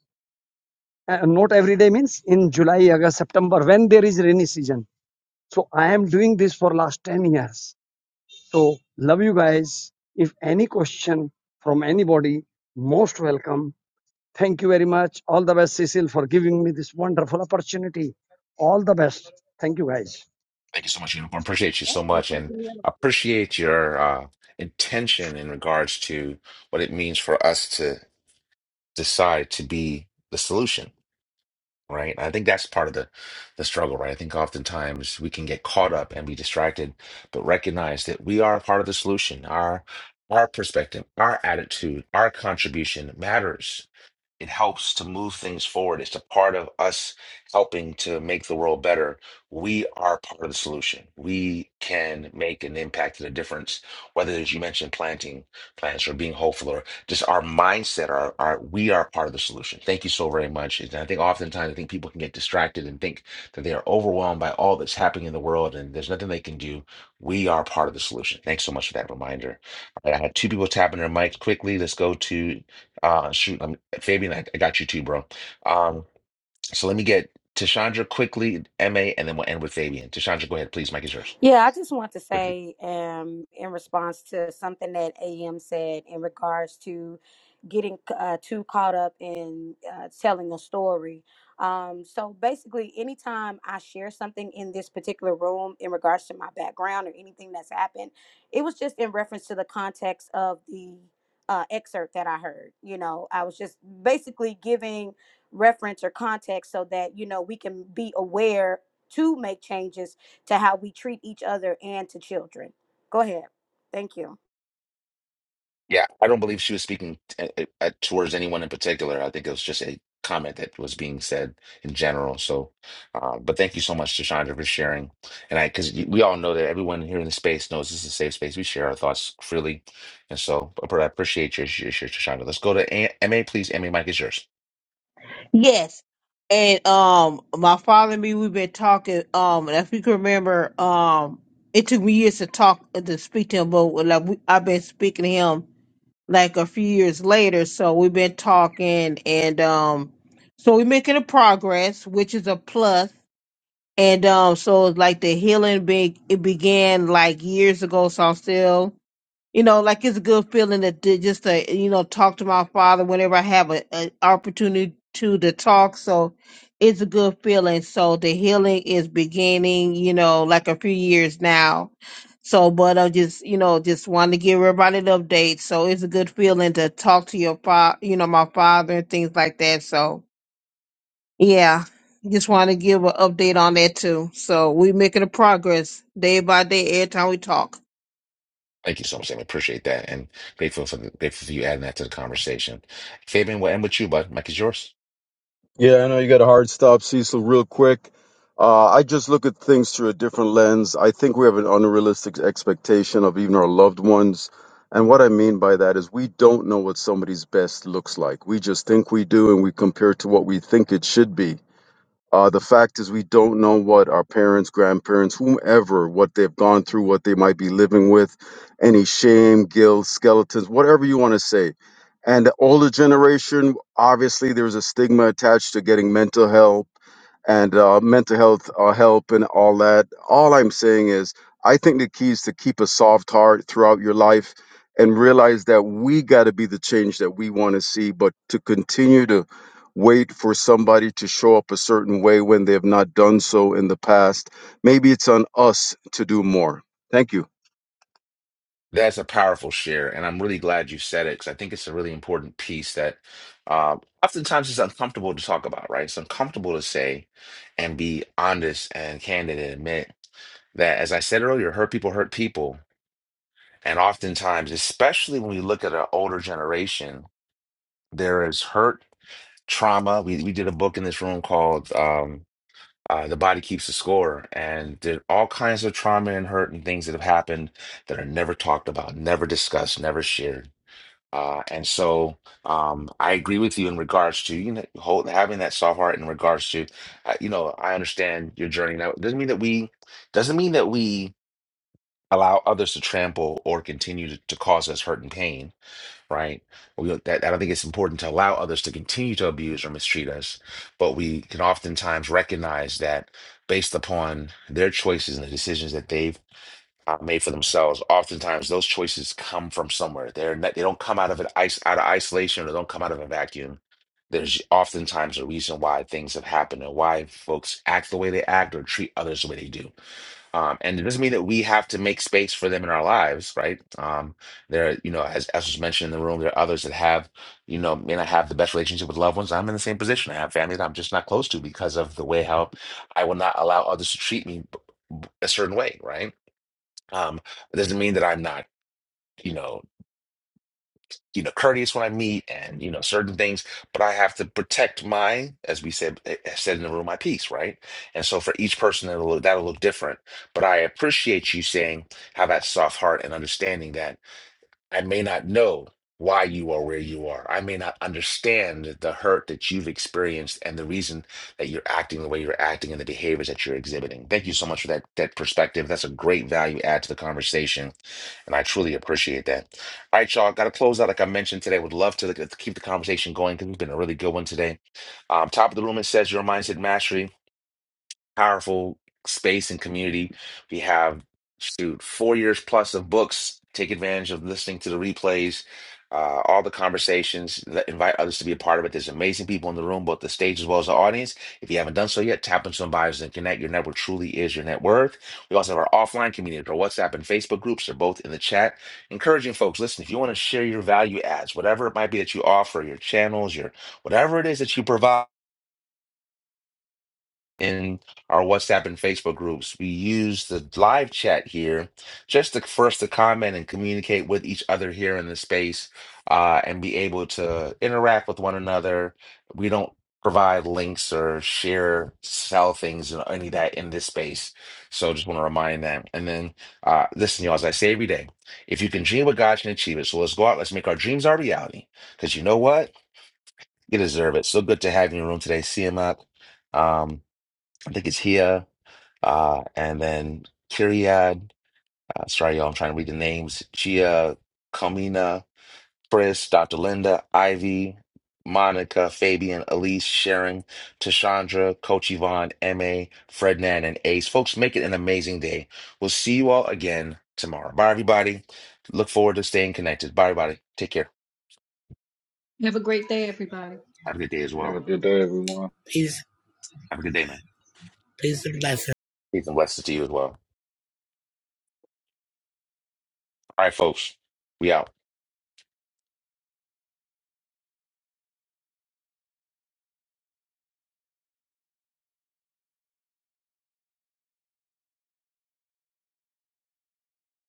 [SPEAKER 10] Uh, not every day means in July, August, September, when there is rainy season so I am doing this for last 10 years. So love you guys. If any question from anybody, most welcome. Thank you very much. All the best, Cecil, for giving me this wonderful opportunity. All the best. Thank you guys.
[SPEAKER 1] Thank you so much, Unicorn. Appreciate you so much, and appreciate your uh, intention in regards to what it means for us to decide to be the solution, right? I think that's part of the the struggle, right? I think oftentimes we can get caught up and be distracted, but recognize that we are part of the solution. Our our perspective, our attitude, our contribution matters it helps to move things forward. It's a part of us helping to make the world better. We are part of the solution. We can make an impact and a difference, whether as you mentioned, planting plants or being hopeful or just our mindset, our, our we are part of the solution. Thank you so very much. And I think oftentimes I think people can get distracted and think that they are overwhelmed by all that's happening in the world and there's nothing they can do. We are part of the solution. Thanks so much for that reminder. All right, I had two people tapping their mics quickly. Let's go to uh, shoot, um, Fabian, I, I got you too, bro. Um, so let me get Tashandra quickly, MA, and then we'll end with Fabian. Tashandra, go ahead, please. Mike is yours
[SPEAKER 9] Yeah, I just want to
[SPEAKER 1] quickly.
[SPEAKER 9] say, um, in response to something that AM said in regards to getting uh, too caught up in uh, telling a story. Um, so basically, anytime I share something in this particular room in regards to my background or anything that's happened, it was just in reference to the context of the uh, excerpt that I heard. You know, I was just basically giving reference or context so that, you know, we can be aware to make changes to how we treat each other and to children. Go ahead. Thank you.
[SPEAKER 1] Yeah, I don't believe she was speaking t- uh, uh, towards anyone in particular. I think it was just a comment that was being said in general. So, uh, but thank you so much, Tashandra, for sharing. And I, because we all know that everyone here in the space knows this is a safe space. We share our thoughts freely, and so but I appreciate your your share, Tashandra. Let's go to A- MA, please. MA, Mike is yours.
[SPEAKER 3] Yes. And um my father and me we've been talking um and if you can remember um it took me years to talk to speak to him but like we, I've been speaking to him like a few years later so we've been talking and um so we're making a progress which is a plus plus. and um so like the healing be, it began like years ago so I'm still you know, like it's a good feeling that to just to you know talk to my father whenever I have a an opportunity to to talk. So it's a good feeling. So the healing is beginning, you know, like a few years now. So, but I just you know just wanted to give everybody an update. So it's a good feeling to talk to your father, you know, my father and things like that. So yeah. Just want to give an update on that too. So we making a progress day by day every time we talk.
[SPEAKER 1] Thank you so much, Sam. I appreciate that, and grateful for the, grateful for you adding that to the conversation. Fabian, we'll end with you, bud. Mike is yours.
[SPEAKER 11] Yeah, I know you got a hard stop, Cecil, real quick. Uh, I just look at things through a different lens. I think we have an unrealistic expectation of even our loved ones. And what I mean by that is we don't know what somebody's best looks like. We just think we do and we compare it to what we think it should be. Uh, the fact is, we don't know what our parents, grandparents, whomever, what they've gone through, what they might be living with, any shame, guilt, skeletons, whatever you want to say. And the older generation, obviously, there's a stigma attached to getting mental help and uh, mental health uh, help and all that. All I'm saying is, I think the key is to keep a soft heart throughout your life and realize that we got to be the change that we want to see, but to continue to wait for somebody to show up a certain way when they have not done so in the past. Maybe it's on us to do more. Thank you.
[SPEAKER 1] That's a powerful share, and I'm really glad you said it because I think it's a really important piece that uh, oftentimes is uncomfortable to talk about. Right? It's uncomfortable to say and be honest and candid and admit that, as I said earlier, hurt people hurt people, and oftentimes, especially when we look at an older generation, there is hurt, trauma. We we did a book in this room called. Um, Uh, the body keeps the score, and there are all kinds of trauma and hurt and things that have happened that are never talked about, never discussed, never shared. Uh, and so, um, I agree with you in regards to you know hold, having that soft heart in regards to, uh, you know, I understand your journey. Now, it doesn't mean that we doesn't mean that we allow others to trample or continue to, to cause us hurt and pain right? We that I don't think it's important to allow others to continue to abuse or mistreat us, but we can oftentimes recognize that based upon their choices and the decisions that they've uh, made for themselves, oftentimes those choices come from somewhere. They're not, they don't come out of an ice out of isolation or don't come out of a vacuum. There's oftentimes a reason why things have happened and why folks act the way they act or treat others the way they do. Um, and it doesn't mean that we have to make space for them in our lives, right? Um, there, you know, as as was mentioned in the room, there are others that have, you know, may not have the best relationship with loved ones. I'm in the same position. I have family that I'm just not close to because of the way how I will not allow others to treat me b- b- a certain way, right? Um, it doesn't mean that I'm not, you know you know courteous when I meet and you know certain things, but I have to protect my, as we said eh, eh, said in the room, my peace, right? And so for each person that'll look, that'll look different. But I appreciate you saying have that soft heart and understanding that I may not know why you are where you are. I may not understand the hurt that you've experienced and the reason that you're acting the way you're acting and the behaviors that you're exhibiting. Thank you so much for that that perspective. That's a great value add to the conversation and I truly appreciate that. All right, y'all. Got to close out. Like I mentioned today, would love to, to keep the conversation going because it's been a really good one today. Um, top of the room, it says your mindset mastery powerful space and community. We have shoot four years plus of books. Take advantage of listening to the replays, uh, all the conversations. Let, invite others to be a part of it. There's amazing people in the room, both the stage as well as the audience. If you haven't done so yet, tap into some bios and connect. Your network truly is your net worth. We also have our offline community, our WhatsApp and Facebook groups. They're both in the chat. Encouraging folks, listen, if you want to share your value adds, whatever it might be that you offer, your channels, your whatever it is that you provide in our WhatsApp and Facebook groups. We use the live chat here just to, for us to comment and communicate with each other here in the space uh, and be able to interact with one another. We don't provide links or share, sell things or any of that in this space. So just want to remind that. And then uh, listen, y'all, as I say every day, if you can dream what God can achieve it. So let's go out, let's make our dreams our reality. Because you know what? You deserve it. So good to have you in the room today, CMOC. I think it's here. Uh, and then Kiriad, uh, sorry, y'all, I'm trying to read the names. Gia, Comina, Chris, Dr. Linda, Ivy, Monica, Fabian, Elise, Sharon, Tashandra, Coach Yvonne, MA, Frednan, and Ace. Folks, make it an amazing day. We'll see you all again tomorrow. Bye, everybody. Look forward to staying connected. Bye, everybody. Take care.
[SPEAKER 12] Have a great day, everybody.
[SPEAKER 1] Have a good day as
[SPEAKER 5] y'all. Have
[SPEAKER 1] well.
[SPEAKER 5] a good day, everyone.
[SPEAKER 13] Please,
[SPEAKER 1] Have a good day, man.
[SPEAKER 13] please left.
[SPEAKER 1] Peace and blessings to you as well. All right, folks. We out.